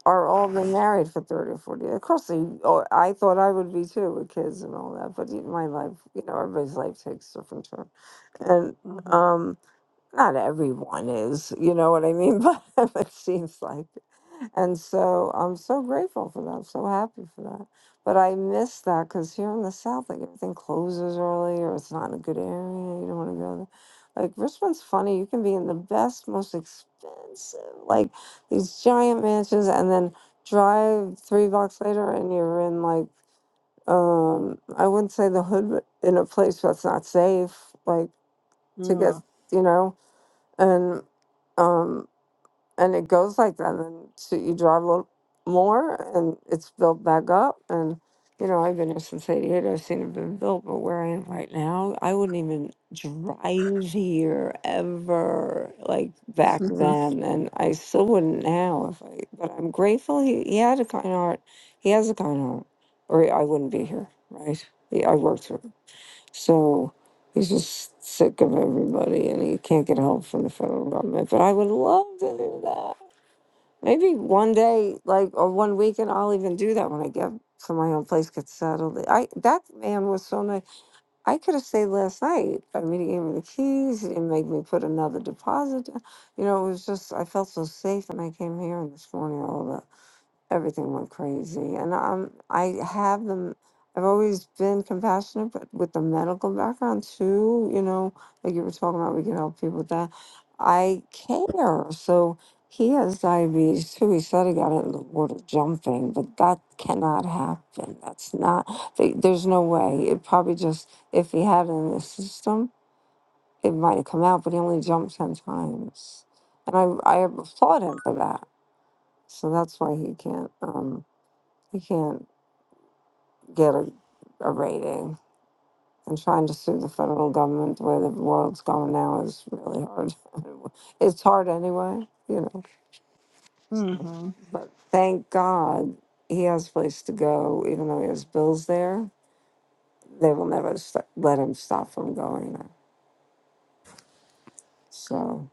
Speaker 2: are all been married for 30 or 40 Of course, they, oh, I thought I would be too with kids and all that, but y- my life, you know, everybody's life takes different turn. And,
Speaker 1: Mm-hmm.
Speaker 2: um, not everyone is, you know what I mean? *laughs* But it seems like. it. And so I'm so grateful for that. I'm so happy for that. But I miss that because here in the South, like everything closes early or it's not in a good area. You don't want to go there. Like Richmond's funny. You can be in the best, most expensive, like these giant mansions, and then drive three blocks later and you're in like, um, I wouldn't say the hood, but in a place that's not safe, like to get, Mhm.
Speaker 1: Mm-hmm.
Speaker 2: you know and um and it goes like that and so you drive a little more and it's built back up and you know i've been here since 88 i've seen it been built but where i am right now i wouldn't even drive here ever like
Speaker 1: *laughs*
Speaker 2: back then and i still wouldn't now if i but i'm grateful he, he had a kind heart he has a kind heart or i wouldn't be here right He- i worked for so he's just sick of everybody and he can't get help from the federal government. But I would love to do that. Maybe one day, like, or one weekend, I'll even do that when I get to my own place, get settled. I That man was so nice. I could have stayed last night. I mean, he gave me the keys. He didn't make me put another deposit. down. You know, it was just, I felt so safe when I came here and this morning, all of that everything went crazy. And um, I have them. I've always been compassionate, but with the medical background too, you know, like you were talking about, we can help people with that. I care. So he has diabetes too. He said he got it in the water jumping, but that cannot happen. That's not. They, there's no way. It probably just if he had it in the system, it might have come out. But he only jumped ten times, and I I applaud him for that. So that's why he can't. Um, we can't get a, a rating. And trying to sue the federal government the way the world's going now is really hard. *laughs* it's hard anyway, you know. so.
Speaker 1: mm-hmm.
Speaker 2: But thank God he has a place to go, even though he has bills there. They will never st- let him stop from going there. So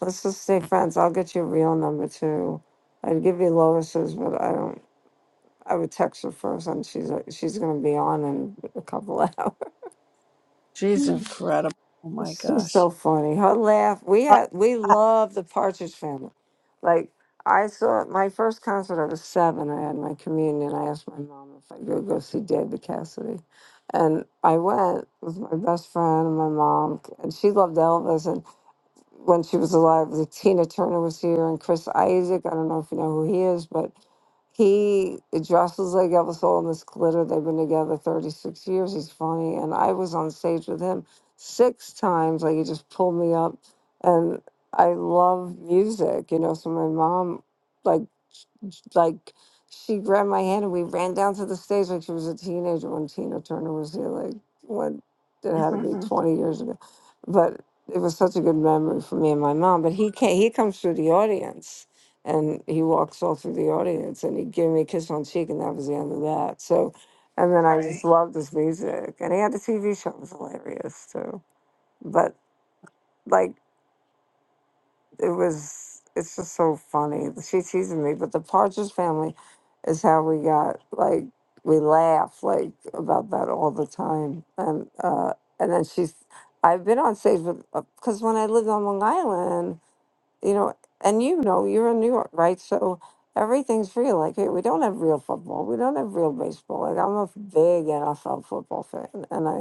Speaker 2: let's just stay friends. I'll get you a real number too. I'd give you Lois's, but I don't. I would text her first, and she's she's gonna be on in a couple *laughs* hours.
Speaker 1: She's incredible. Oh my
Speaker 2: She's
Speaker 1: gosh.
Speaker 2: so funny. Her laugh. We
Speaker 1: Uh,
Speaker 2: had we love the Partridge Family. Like I saw my first concert. I was seven. I had my communion. I asked my mom if I could go see David Cassidy, and I went with my best friend and my mom. And she loved Elvis. and when she was alive, like Tina Turner was here and Chris Isaac. I don't know if you know who he is, but he dresses like Elvis all in this glitter. They've been together 36 years. He's funny. And I was on stage with him six times. Like he just pulled me up. And I love music, you know. So my mom, like, like she grabbed my hand and we ran down to the stage like she was a teenager when Tina Turner was here, like when it had to
Speaker 1: I- *laughs*
Speaker 2: be 20 years ago. But it was such a good memory for me and my mom. But he came, he comes through the audience, and he walks all through the audience, and he gave me a kiss on the cheek, and that was the end of that. So, and then I just
Speaker 1: Right.
Speaker 2: Right. loved his music, and he had a TV show. It was hilarious too. But like it was, it's just so funny. She teases me, but the Partridge Family is how we got like we laugh like about that all the time, and uh, and then she's. I've been on stage with because when I lived on Long Island, you know, and you know, you're in New York, right? So everything's real. Like here, we don't have real football. We don't have real baseball. Like I'm a big NFL football fan, and I,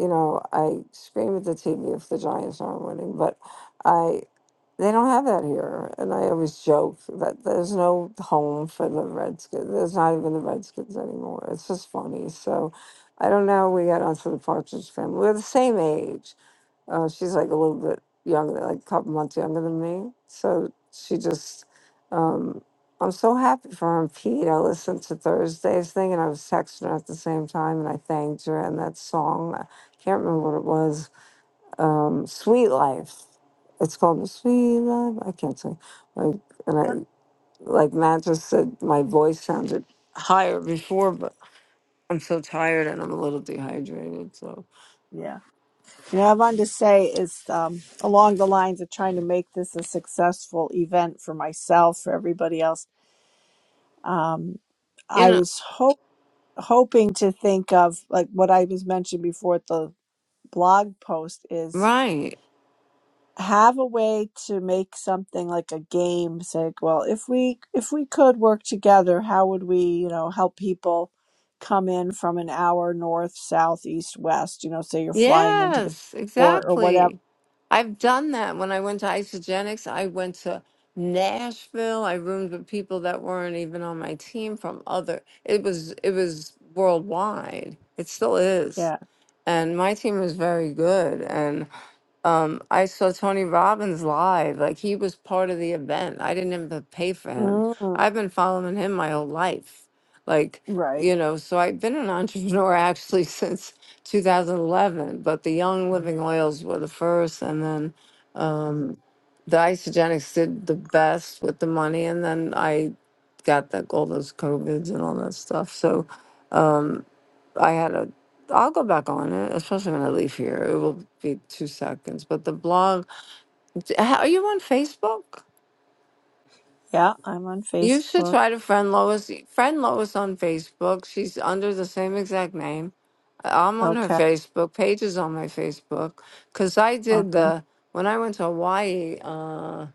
Speaker 2: you know, I scream at the TV if the Giants aren't winning, but I they don't have that here, and I always joke that there's no home for the Redskins. There's not even the Redskins anymore. It's just funny. So I don't know. how We got onto the Partridge Family. We're the same age uh, she's like a little bit younger, like a couple months younger than me. So she just, um, I'm so happy for her and Pete. I listened to Thursday's thing and I was texting her at the same time and I thanked her. And that song, I can't remember what it was, um, Sweet Life. It's called Sweet Life. I can't sing. Like, and I, like Matt just said, my voice sounded higher before, but I'm so tired and I'm a little dehydrated. So,
Speaker 1: Yeah. Yeah, I wanted to say is um, along the lines of trying to make this a successful event for myself, for everybody else. Um,
Speaker 2: you
Speaker 1: I
Speaker 2: know,
Speaker 1: was hope, hoping to think of like what I was mentioned before at the blog post is
Speaker 2: right.
Speaker 1: have a way to make something like a game. Say, like, well, if we if we could work together, how would we, you know, help people come in from an hour north, south, east, west? You know, say you're flying into the
Speaker 2: Yes,
Speaker 1: or or whatever
Speaker 2: exactly. I've done that. When I went to Isogenics, I went to Nashville. I roomed with people that weren't even on my team from other. It was it was worldwide. It still is.
Speaker 1: Yeah.
Speaker 2: And my team was very good. Um, I saw Tony Robbins live. Like he was part of the event. I didn't even have to pay for him.
Speaker 1: Mm,
Speaker 2: I've been following him my whole life. Like,
Speaker 1: right.
Speaker 2: you know, so I've been an entrepreneur actually *laughs* since 2011, but the Young Living Oils were the first. And then um, the Isogenics did the best with the money. And then I got that all those COVIDs and all that stuff. So, um, I had a. I'll go back on it, especially when I leave here. It will be two seconds. But the blog. Are you on Facebook?
Speaker 1: Yeah, I'm on
Speaker 2: You should
Speaker 1: Facebook.
Speaker 2: try to friend Lois. Friend Lois on Facebook. She's under the same exact name. I'm on her
Speaker 1: Okay.
Speaker 2: Facebook. Paige is on my Facebook. Cause I did
Speaker 1: Okay.
Speaker 2: the when I went to Hawaii uh,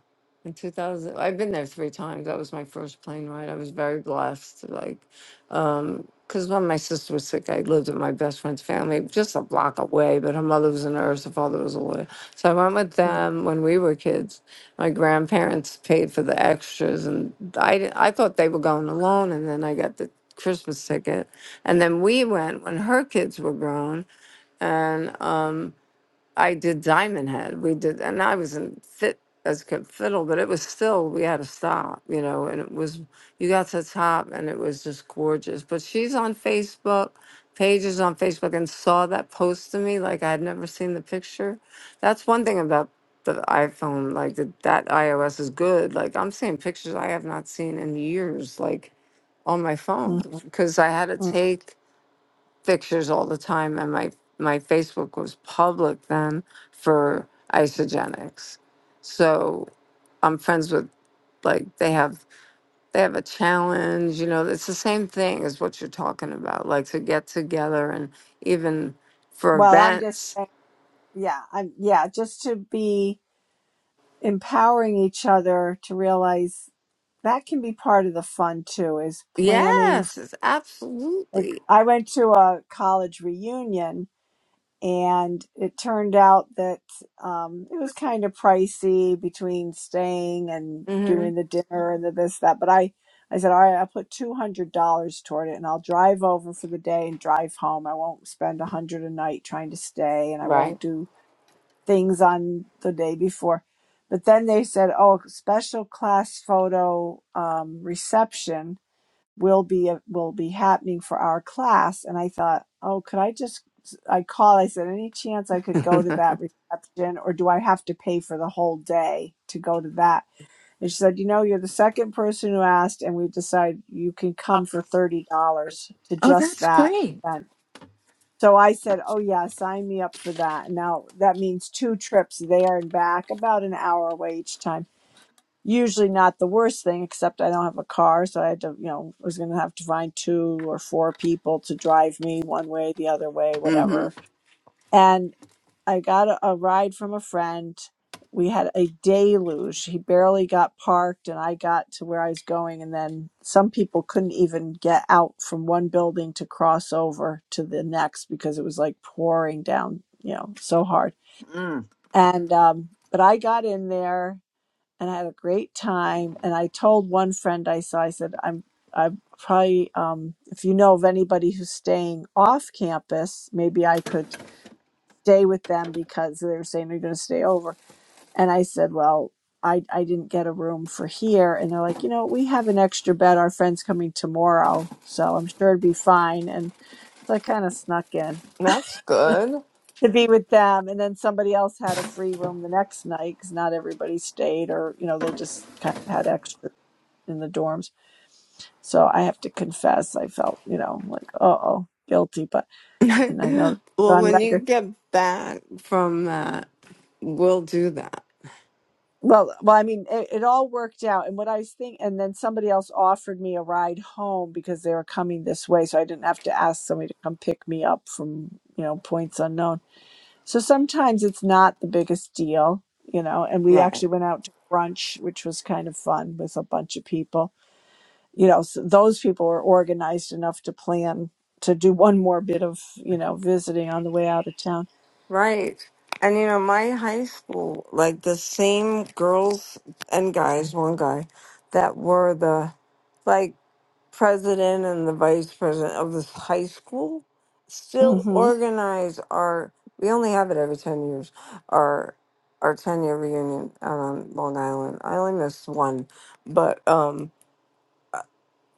Speaker 2: in 2000. I've been there three times. That was my first plane ride. I was very blessed. Like, um, cause when my sister was sick, I lived with my best friend's family, just a block away. But her mother was a nurse. Her father was a lawyer. So I went with
Speaker 1: Mm,
Speaker 2: them when we were kids my grandparents paid for the extras and I, di- I thought they were going alone and then i got the christmas ticket and then we went when her kids were grown and um, I did Diamond Head. We did, and I wasn't fit as could fiddle, but it was still we had to stop, you know. And it was you got to the top, and it was just gorgeous. But she's on Facebook, pages on Facebook, and saw that post to me like I had never seen the picture. That's one thing about the iPhone, like that that iOS is good. Like I'm seeing pictures I have not seen in years, like on my phone,
Speaker 1: mhm,
Speaker 2: because I had to
Speaker 1: mm.
Speaker 2: take pictures all the time, and my my Facebook was public then for isogenics. So I'm friends with like they have they have a challenge. You know, it's the same thing as what you're talking about, like to get together and even for
Speaker 1: Well, I'm just
Speaker 2: events.
Speaker 1: saying, yeah, I'm, yeah, just to be empowering each other to realize that can be part of the fun too, is planning.
Speaker 2: Yes, it's
Speaker 1: Like,
Speaker 2: absolutely
Speaker 1: I went to a college reunion and it turned out that um, it was kind of pricey between staying and
Speaker 2: hmm
Speaker 1: doing the dinner and the this that but i i said all right i'll put $200 toward it and i'll drive over for the day and drive home i won't spend a hundred a night trying to stay and i
Speaker 2: right.
Speaker 1: won't do things on the day before but then they said oh special class photo um, reception will be uh, will be happening for our class and i thought oh could i just i called i said any chance i could go to that reception or do i have to pay for the whole day to go to that and she said you know you're the second person who asked and we decided you can come for $30 to
Speaker 2: Oh,
Speaker 1: just
Speaker 2: that's
Speaker 1: that
Speaker 2: great.
Speaker 1: event so i said oh yeah sign me up for that now that means two trips there and back about an hour away each time usually not the worst thing, except I don't have a car, so I had to, you know, was going to have to find two or four people to drive me one way, the other way,
Speaker 2: hmm
Speaker 1: whatever. And I got a, a ride from a friend. We had a deluge. He barely got parked, and I got to where I was going. And then some people couldn't even get out from one building to cross over to the next because it was like pouring down, you know, so hard.
Speaker 2: Mm.
Speaker 1: And, um, but I got in there and I had a great time. And I told one friend I saw, I said, I'm I probably um, if you know of anybody who's staying off campus, maybe I could stay with them because they were saying they're gonna stay over. And I said, Well, I, I didn't get a room for here and they're like, you know, we have an extra bed, our friend's coming tomorrow, so I'm sure it'd be fine and so I kind of snuck in
Speaker 2: That's good.
Speaker 1: to be with them and then somebody else had a free room the next night because not everybody stayed or you know they just kind of had extra. in the dorms. So I have to confess, I felt, you know, like, uh oh, guilty. But, and I know it's
Speaker 2: *laughs* well,
Speaker 1: on
Speaker 2: when you
Speaker 1: record.
Speaker 2: get back from that. will do that.
Speaker 1: Well, well, I mean, it, it all worked out. And what I was thinking, and then somebody else offered me a ride home because they were coming this way. So I didn't have to ask somebody to come pick me up from, you know, points unknown. So sometimes it's not the biggest deal, you know. And we
Speaker 2: Right.
Speaker 1: actually went out to brunch, which was kind of fun with a bunch of people you know s those people are organized enough to plan to do one more bit of you know visiting on the way out of town
Speaker 2: Right. And you know, my high school, like the same girls and guys, one guy, that were the like president and the vice president of this high school still
Speaker 1: hmm
Speaker 2: organize our we only have it every ten years, our our ten year reunion out on Long Island. I only missed one. But um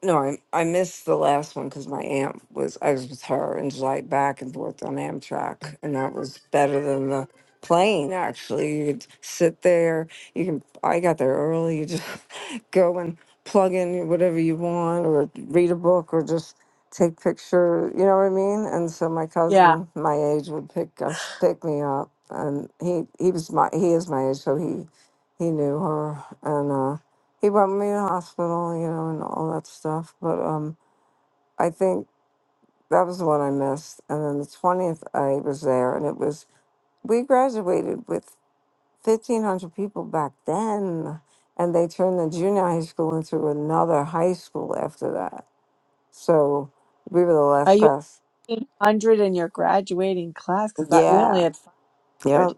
Speaker 2: No, I I missed the last one because my aunt was I was with her and just like back and forth on Amtrak, and that was better than the plane. Actually, you could sit there. You can. I got there early. You just *laughs* go and plug in whatever you want, or read a book, or just take picture. You know what I mean? And so my
Speaker 1: yeah
Speaker 2: cousin, my age, would pick us, pick me up, and he he was my he is my age, so he he knew her, and. uh he brought me to the hospital, you know, and all that stuff. But um, I think that was the one I missed. And then the twentieth, I was there, and it was we graduated with fifteen hundred people back then, and they turned the junior high school into another high school after that. So we were the
Speaker 1: are
Speaker 2: last Yeah.
Speaker 1: you
Speaker 2: class.
Speaker 1: 800 in your graduating class because that we only
Speaker 2: Yeah,
Speaker 1: had
Speaker 2: yeah.
Speaker 1: 500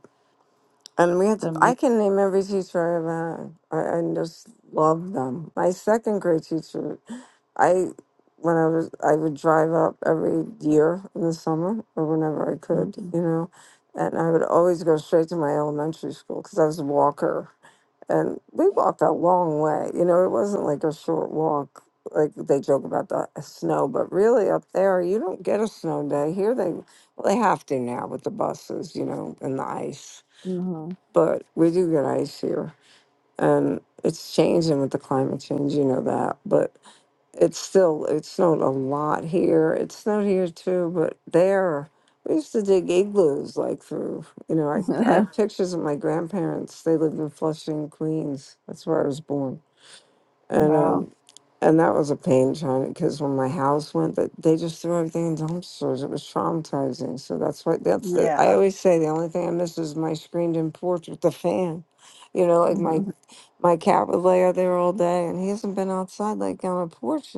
Speaker 2: And we had
Speaker 1: it's
Speaker 2: to, I
Speaker 1: amazing
Speaker 2: can name every teacher I've had. I, I just love them. My second grade teacher. I when I was I would drive up every year in the summer or whenever I could, you know, and I would always go straight to my elementary school because I was a walker, and we walked a long way. You know, it wasn't like a short walk. Like they joke about the snow, but really up there you don't get a snow day. Here they well they have to now with the buses, you know, and the ice.
Speaker 1: hmm
Speaker 2: But we do get ice here, and it's changing with the climate change. You know that, but it's still, it snowed a lot here. It snowed here too, but there, we used to dig igloos like through, you know, I, I
Speaker 1: *laughs*
Speaker 2: have pictures of my grandparents. They lived in Flushing, Queens. That's where I was born. And,
Speaker 1: wow
Speaker 2: um, and that was a pain trying to, because when my house went, that they just threw everything in dumpsters. It was traumatizing. So that's what, that's the,
Speaker 1: yeah
Speaker 2: I always say the only thing I miss is my screened in porch with the fan. You know, like my
Speaker 1: hmm
Speaker 2: my cat would lay out there all day and he hasn't been outside like on a porch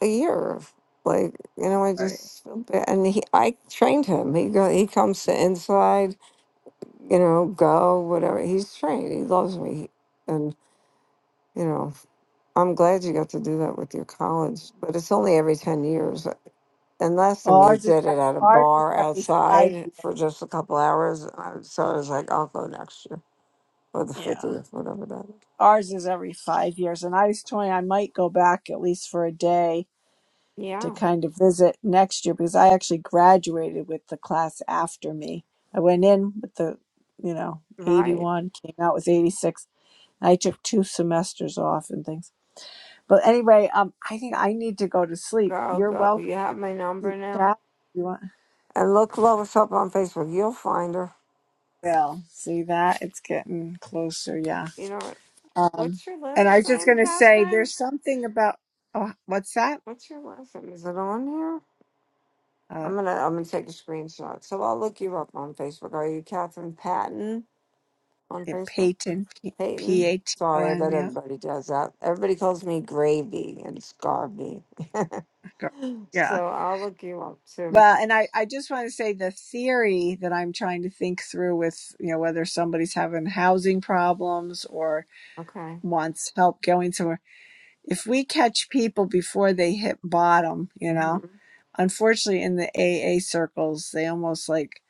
Speaker 2: a year. Like you know, I
Speaker 1: right
Speaker 2: just feel bad. and he, I trained him. He go, he comes to inside. You know, go whatever. He's trained. He loves me, and you know, I'm glad you got to do that with your college. But it's only every ten years. And last time
Speaker 1: well,
Speaker 2: they
Speaker 1: ours is
Speaker 2: did it at a
Speaker 1: ours is
Speaker 2: bar
Speaker 1: every five
Speaker 2: outside
Speaker 1: years
Speaker 2: for just a couple hours, and I- so I was like, I'll go next year or the
Speaker 1: yeah
Speaker 2: fiftieth, whatever that is.
Speaker 1: ours is every five years and i was toying i might go back at least for a day to
Speaker 2: Yeah,
Speaker 1: kind of visit next year because I actually graduated with the class after me. I went in with the, you know,
Speaker 2: right.
Speaker 1: 81, came out with 86. I took two semesters off and things. But anyway, um, I think I need to go to sleep.
Speaker 2: Go
Speaker 1: You're
Speaker 2: go.
Speaker 1: welcome
Speaker 2: You have my
Speaker 1: to
Speaker 2: number now.
Speaker 1: chat if you want.
Speaker 2: And look Lois up on Facebook. You'll find her.
Speaker 1: Well, see that? It's getting closer, yeah.
Speaker 2: You know what?
Speaker 1: Um,
Speaker 2: What's your
Speaker 1: and I
Speaker 2: last
Speaker 1: was just
Speaker 2: name,
Speaker 1: going to say
Speaker 2: Catherine?
Speaker 1: there's something about, oh, what's that?
Speaker 2: What's your last name? Is it on here?
Speaker 1: Uh,
Speaker 2: I'm gonna I'm gonna take a screenshot. So I'll look you up on Facebook. Are you Catherine Patton on
Speaker 1: it,
Speaker 2: Facebook?
Speaker 1: Peyton, P
Speaker 2: Peyton.
Speaker 1: A T O
Speaker 2: Sorry
Speaker 1: N,
Speaker 2: that
Speaker 1: yeah.
Speaker 2: everybody does that. Everybody calls me Gravy and Scarvy.
Speaker 1: Go- Yeah,
Speaker 2: So I'll look you up too.
Speaker 1: Well, and I, I just want to say the theory that I'm trying to think through with, you know, whether somebody's having housing problems or
Speaker 2: Okay.
Speaker 1: wants help going somewhere. If we catch people before they hit bottom, you
Speaker 2: hmm
Speaker 1: know, unfortunately in the AA circles, they almost like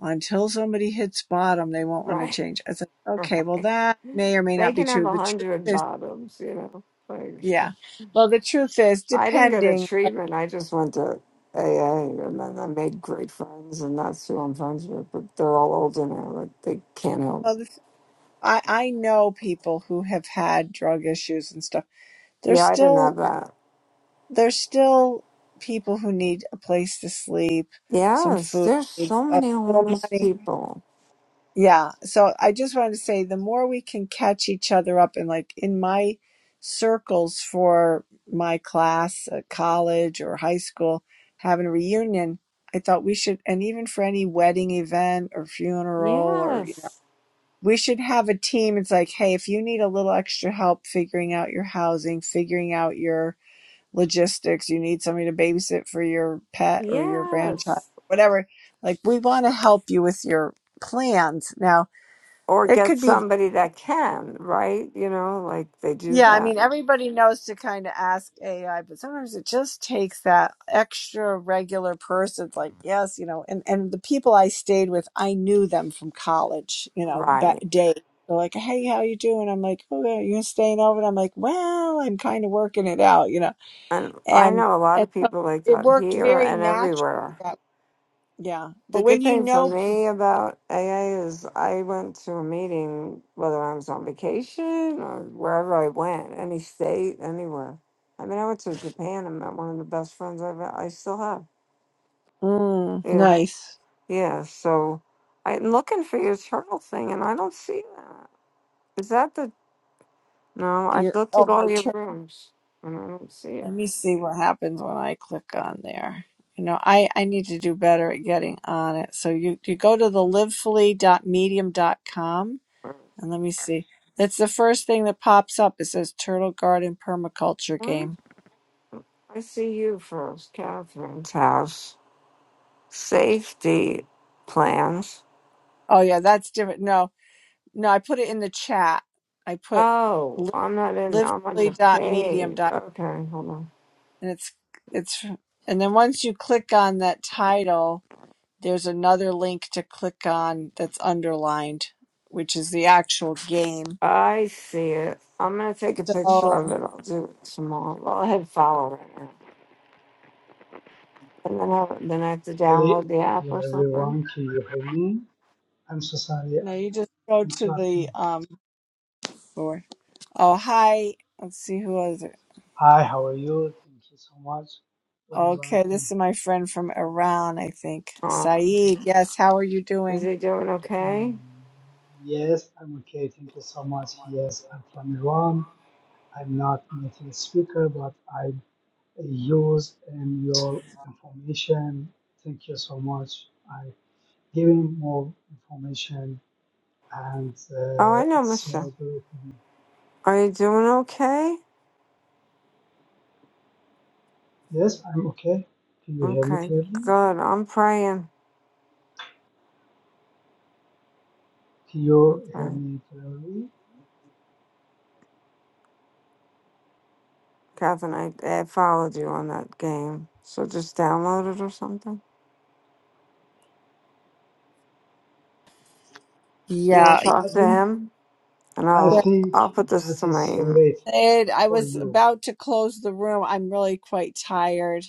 Speaker 1: until somebody hits bottom, they won't want to
Speaker 2: Right. *laughs*
Speaker 1: change. It's like, okay, well,
Speaker 2: Right.
Speaker 1: that may or may
Speaker 2: They
Speaker 1: not be
Speaker 2: can have
Speaker 1: true.
Speaker 2: a
Speaker 1: The truth
Speaker 2: hundred
Speaker 1: is,
Speaker 2: bottoms, you know. Like.
Speaker 1: yeah. Well, the truth is,
Speaker 2: I didn't go to
Speaker 1: depending, like,
Speaker 2: treatment. I just went to AA, and then I made great friends, and that's who I'm friends with. But they're all older now; like they can't help.
Speaker 1: well, the, I, I know people who have had drug issues and stuff
Speaker 2: me.
Speaker 1: there's
Speaker 2: Yeah, I didn't have
Speaker 1: still
Speaker 2: that.
Speaker 1: there's still people who need a place to sleep, some
Speaker 2: Yes,
Speaker 1: food,
Speaker 2: there's so
Speaker 1: a
Speaker 2: many
Speaker 1: little
Speaker 2: homeless
Speaker 1: money.
Speaker 2: people.
Speaker 1: Yeah. So I just wanted to say the more we can catch each other up and like in my circles for my class at college or high school, having a reunion, I thought we should and even for any wedding event or funeral or you know
Speaker 2: Yes,
Speaker 1: we should have a team. It's like, hey, if you need a little extra help figuring out your housing, figuring out your logistics, you need somebody to babysit for your pet or your grandchild,
Speaker 2: yes.
Speaker 1: whatever. Like, we want to help you with your plans. Now,
Speaker 2: Or
Speaker 1: it
Speaker 2: get
Speaker 1: could be,
Speaker 2: somebody that can, right? You know, like they do
Speaker 1: yeah, I
Speaker 2: that,
Speaker 1: mean, everybody knows to kind of ask AI, but sometimes it just takes that extra regular person. It's like, yes, you know, and, and the people I stayed with, I knew them from college, you know, back
Speaker 2: right?
Speaker 1: day. They're like, hey, how you doing? I'm like, oh, yeah, you're staying over. And I'm like, well, I'm kind of working it out, you know
Speaker 2: And I
Speaker 1: and
Speaker 2: know a lot
Speaker 1: and
Speaker 2: of
Speaker 1: so
Speaker 2: people like
Speaker 1: it
Speaker 2: that
Speaker 1: worked
Speaker 2: here
Speaker 1: very
Speaker 2: and
Speaker 1: naturally.
Speaker 2: everywhere.
Speaker 1: That yeah, but
Speaker 2: The
Speaker 1: when
Speaker 2: good
Speaker 1: you
Speaker 2: thing for
Speaker 1: know,
Speaker 2: me about AA is I went to a meeting, whether I was on vacation or wherever I went, any state, anywhere. I mean, I went to Japan and met one of the best friends I've I still have.
Speaker 1: mm,
Speaker 2: You
Speaker 1: nice.
Speaker 2: Nice. Yeah. So I'm looking for your turtle thing, and I don't see that. Is that the? No, I
Speaker 1: You're
Speaker 2: looked
Speaker 1: oh
Speaker 2: at
Speaker 1: my
Speaker 2: all your
Speaker 1: turn.
Speaker 2: rooms, and I don't see it.
Speaker 1: Let me see what happens when I click on there. You know, I I need to do better at getting on it. So you you go to the livefully.medium dot com
Speaker 2: Where?
Speaker 1: and let me see. That's the first thing that pops up. It says Turtle Garden Permaculture
Speaker 2: where?
Speaker 1: Game.
Speaker 2: I see you first, Catherine's house, safety plans.
Speaker 1: Oh yeah, that's different. No, no, I put it in the chat. I put
Speaker 2: Oh,
Speaker 1: li-
Speaker 2: I'm not in. I'm on
Speaker 1: livefully.medium
Speaker 2: the
Speaker 1: dot
Speaker 2: page.
Speaker 1: livefully.medium.com
Speaker 2: Okay, hold on.
Speaker 1: and it's it's and then once you click on that title there's another link to click on that's underlined which is the actual game
Speaker 2: I see it. I'm gonna take a picture
Speaker 1: so
Speaker 2: of it. I'll do it tomorrow. Go ahead, and follow it, and then have, then I have to
Speaker 5: Hello,
Speaker 2: download the app
Speaker 5: hello
Speaker 2: or something.
Speaker 5: everyone. Can you hear me? I'm so sorry
Speaker 1: now you
Speaker 5: I
Speaker 1: just go to
Speaker 5: interrupt you.
Speaker 1: the um for oh hi let's see who was it
Speaker 5: Hi, how are you? Thank you so much for
Speaker 1: okay
Speaker 5: inviting
Speaker 1: this is my friend from iran i think
Speaker 2: Uh,
Speaker 1: saeed yes how are you
Speaker 2: is
Speaker 1: doing
Speaker 2: he doing
Speaker 5: me.
Speaker 2: okay?
Speaker 5: Mm, Yes, I'm okay. Thank you so much. Yes, I'm from Iran. I'm not native speaker, but I use um, your information. Thank you so much. I giving more information, and
Speaker 2: Oh,
Speaker 5: uh,
Speaker 2: I know,
Speaker 5: it's so
Speaker 2: Michelle.
Speaker 5: great. for me.
Speaker 2: Are you doing okay?
Speaker 5: Yes, I'm okay. Can you hear me
Speaker 2: Okay,
Speaker 5: clearly?
Speaker 2: good. I'm praying. I'm
Speaker 5: you hear
Speaker 2: praying.
Speaker 5: me clearly?
Speaker 2: Catherine, I, I followed you on that game, so just download it or something. You wanna
Speaker 1: yeah
Speaker 5: I
Speaker 2: talk to
Speaker 5: think
Speaker 2: him, and
Speaker 5: I
Speaker 2: I'll
Speaker 1: well,
Speaker 5: think
Speaker 2: I'll put this
Speaker 5: that
Speaker 2: to my
Speaker 5: is so
Speaker 2: email.
Speaker 5: late for,
Speaker 1: Ed, i
Speaker 5: for
Speaker 1: was
Speaker 5: you.
Speaker 1: about to close the room i'm really quite tired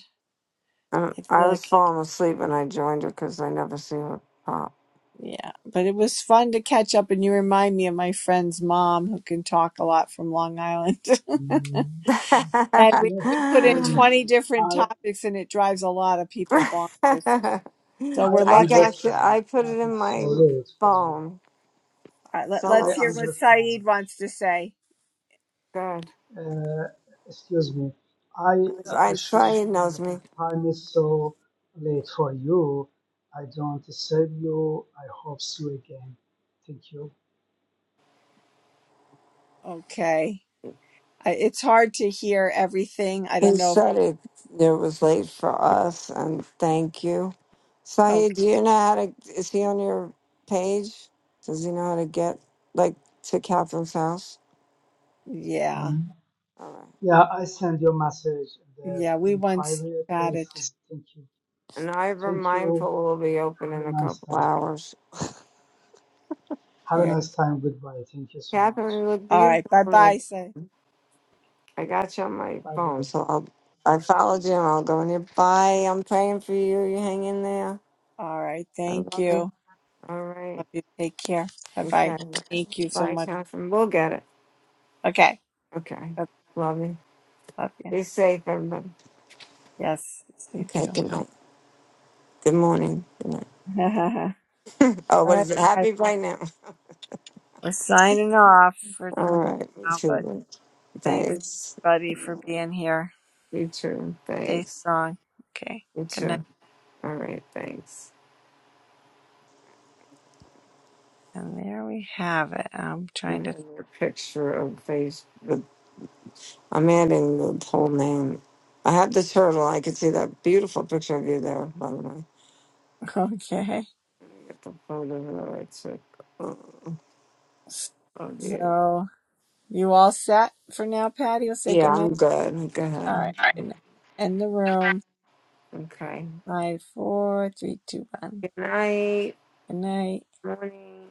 Speaker 2: Uh,
Speaker 1: i
Speaker 2: I
Speaker 1: feel
Speaker 2: was
Speaker 1: like
Speaker 2: falling asleep and I joined her because I never see her pop.
Speaker 1: Yeah, but it was fun to catch up, and you remind me of my friend's mom who can talk a lot from Long Island. *laughs*
Speaker 5: Mm,
Speaker 1: and
Speaker 2: *laughs*
Speaker 1: we,
Speaker 5: yes,
Speaker 1: we put in
Speaker 5: yes,
Speaker 1: 20 different
Speaker 5: I
Speaker 1: topics, and it drives a lot of people bonkers. So we're
Speaker 5: I
Speaker 2: I
Speaker 1: lucky.
Speaker 2: got you.
Speaker 5: understand
Speaker 2: I put
Speaker 5: that
Speaker 2: it in
Speaker 5: is so
Speaker 2: my
Speaker 5: late for you.
Speaker 2: phone.
Speaker 1: All right, let,
Speaker 2: So
Speaker 1: let's
Speaker 5: I
Speaker 1: hear what
Speaker 5: understand.
Speaker 1: Saeed wants to say.
Speaker 2: good.
Speaker 5: Uh, excuse me. I uh,
Speaker 2: I
Speaker 5: assured
Speaker 2: Saeed knows
Speaker 5: that if
Speaker 2: me.
Speaker 5: time is so late for you, I don't disturb you. I hope see you again. Thank you.
Speaker 1: Okay. I, it's hard to hear everything. I
Speaker 2: He
Speaker 1: don't know if,
Speaker 2: said it, it was late for us, and thank you.
Speaker 1: oh,
Speaker 2: Saeed, do you know how to? Is he on your page? Does he know how to get like to Catherine's house?
Speaker 1: yeah.
Speaker 5: Mm.
Speaker 2: All right.
Speaker 5: Yeah, I send your message in the
Speaker 1: Yeah, we
Speaker 5: in
Speaker 1: once
Speaker 5: private
Speaker 1: got it.
Speaker 5: place. Thank you.
Speaker 2: And Ivor
Speaker 5: Thank you.
Speaker 2: Mindful will be open
Speaker 5: Have a
Speaker 2: in a
Speaker 5: nice
Speaker 2: couple
Speaker 5: time.
Speaker 2: hours.
Speaker 5: Have a
Speaker 1: Yeah.
Speaker 5: nice time. Goodbye. Thank you so much.
Speaker 2: Catherine, you look
Speaker 1: All right.
Speaker 2: beautiful.
Speaker 1: Bye
Speaker 2: I,
Speaker 1: bye, Saeed.
Speaker 2: I got you on my
Speaker 5: Bye
Speaker 2: phone,
Speaker 5: bye.
Speaker 2: so I'll, I followed you and I'll go in Bye. I'm praying for you. You hang in there.
Speaker 1: All right.
Speaker 2: I
Speaker 1: Thank
Speaker 2: love you.
Speaker 1: you.
Speaker 2: All right.
Speaker 1: Love you. Take care. Bye bye.
Speaker 2: Okay.
Speaker 1: Thank you so
Speaker 2: Bye,
Speaker 1: much.
Speaker 2: Catherine. We'll get it.
Speaker 1: Okay.
Speaker 2: Okay.
Speaker 1: I
Speaker 2: Love you.
Speaker 1: love you.
Speaker 2: Be safe, everybody.
Speaker 1: Yes, you
Speaker 2: Okay.
Speaker 1: too.
Speaker 2: Good night. Good morning. Good
Speaker 1: *laughs* All
Speaker 2: night. *laughs* oh, what
Speaker 1: right,
Speaker 2: is it?
Speaker 1: guys.
Speaker 2: Happy right now.
Speaker 1: We're signing off for
Speaker 2: All right. Me
Speaker 1: now, but
Speaker 2: too.
Speaker 1: thanks
Speaker 2: Thanks.
Speaker 1: everybody for being here.
Speaker 2: You too.
Speaker 1: Stay
Speaker 2: Thanks.
Speaker 1: strong. Okay.
Speaker 2: You
Speaker 1: Good night.
Speaker 2: too. All right. Thanks.
Speaker 1: And there we have it. I'm
Speaker 2: I'm
Speaker 1: trying to
Speaker 2: in your picture of Facebook. I'm adding the whole name. I have the turtle. I can see that beautiful picture of you there, by the way.
Speaker 1: *laughs* Okay.
Speaker 2: Get the photo of the right chick, uh, of you.
Speaker 1: So you all set for now, Patty? You'll say good
Speaker 2: Yeah,
Speaker 1: night.
Speaker 2: I'm good. Go
Speaker 1: All right.
Speaker 2: ahead.
Speaker 1: Good night. End the room.
Speaker 2: Okay.
Speaker 1: Five, four, three, two, one.
Speaker 2: Good night.
Speaker 1: Good night.
Speaker 2: Morning.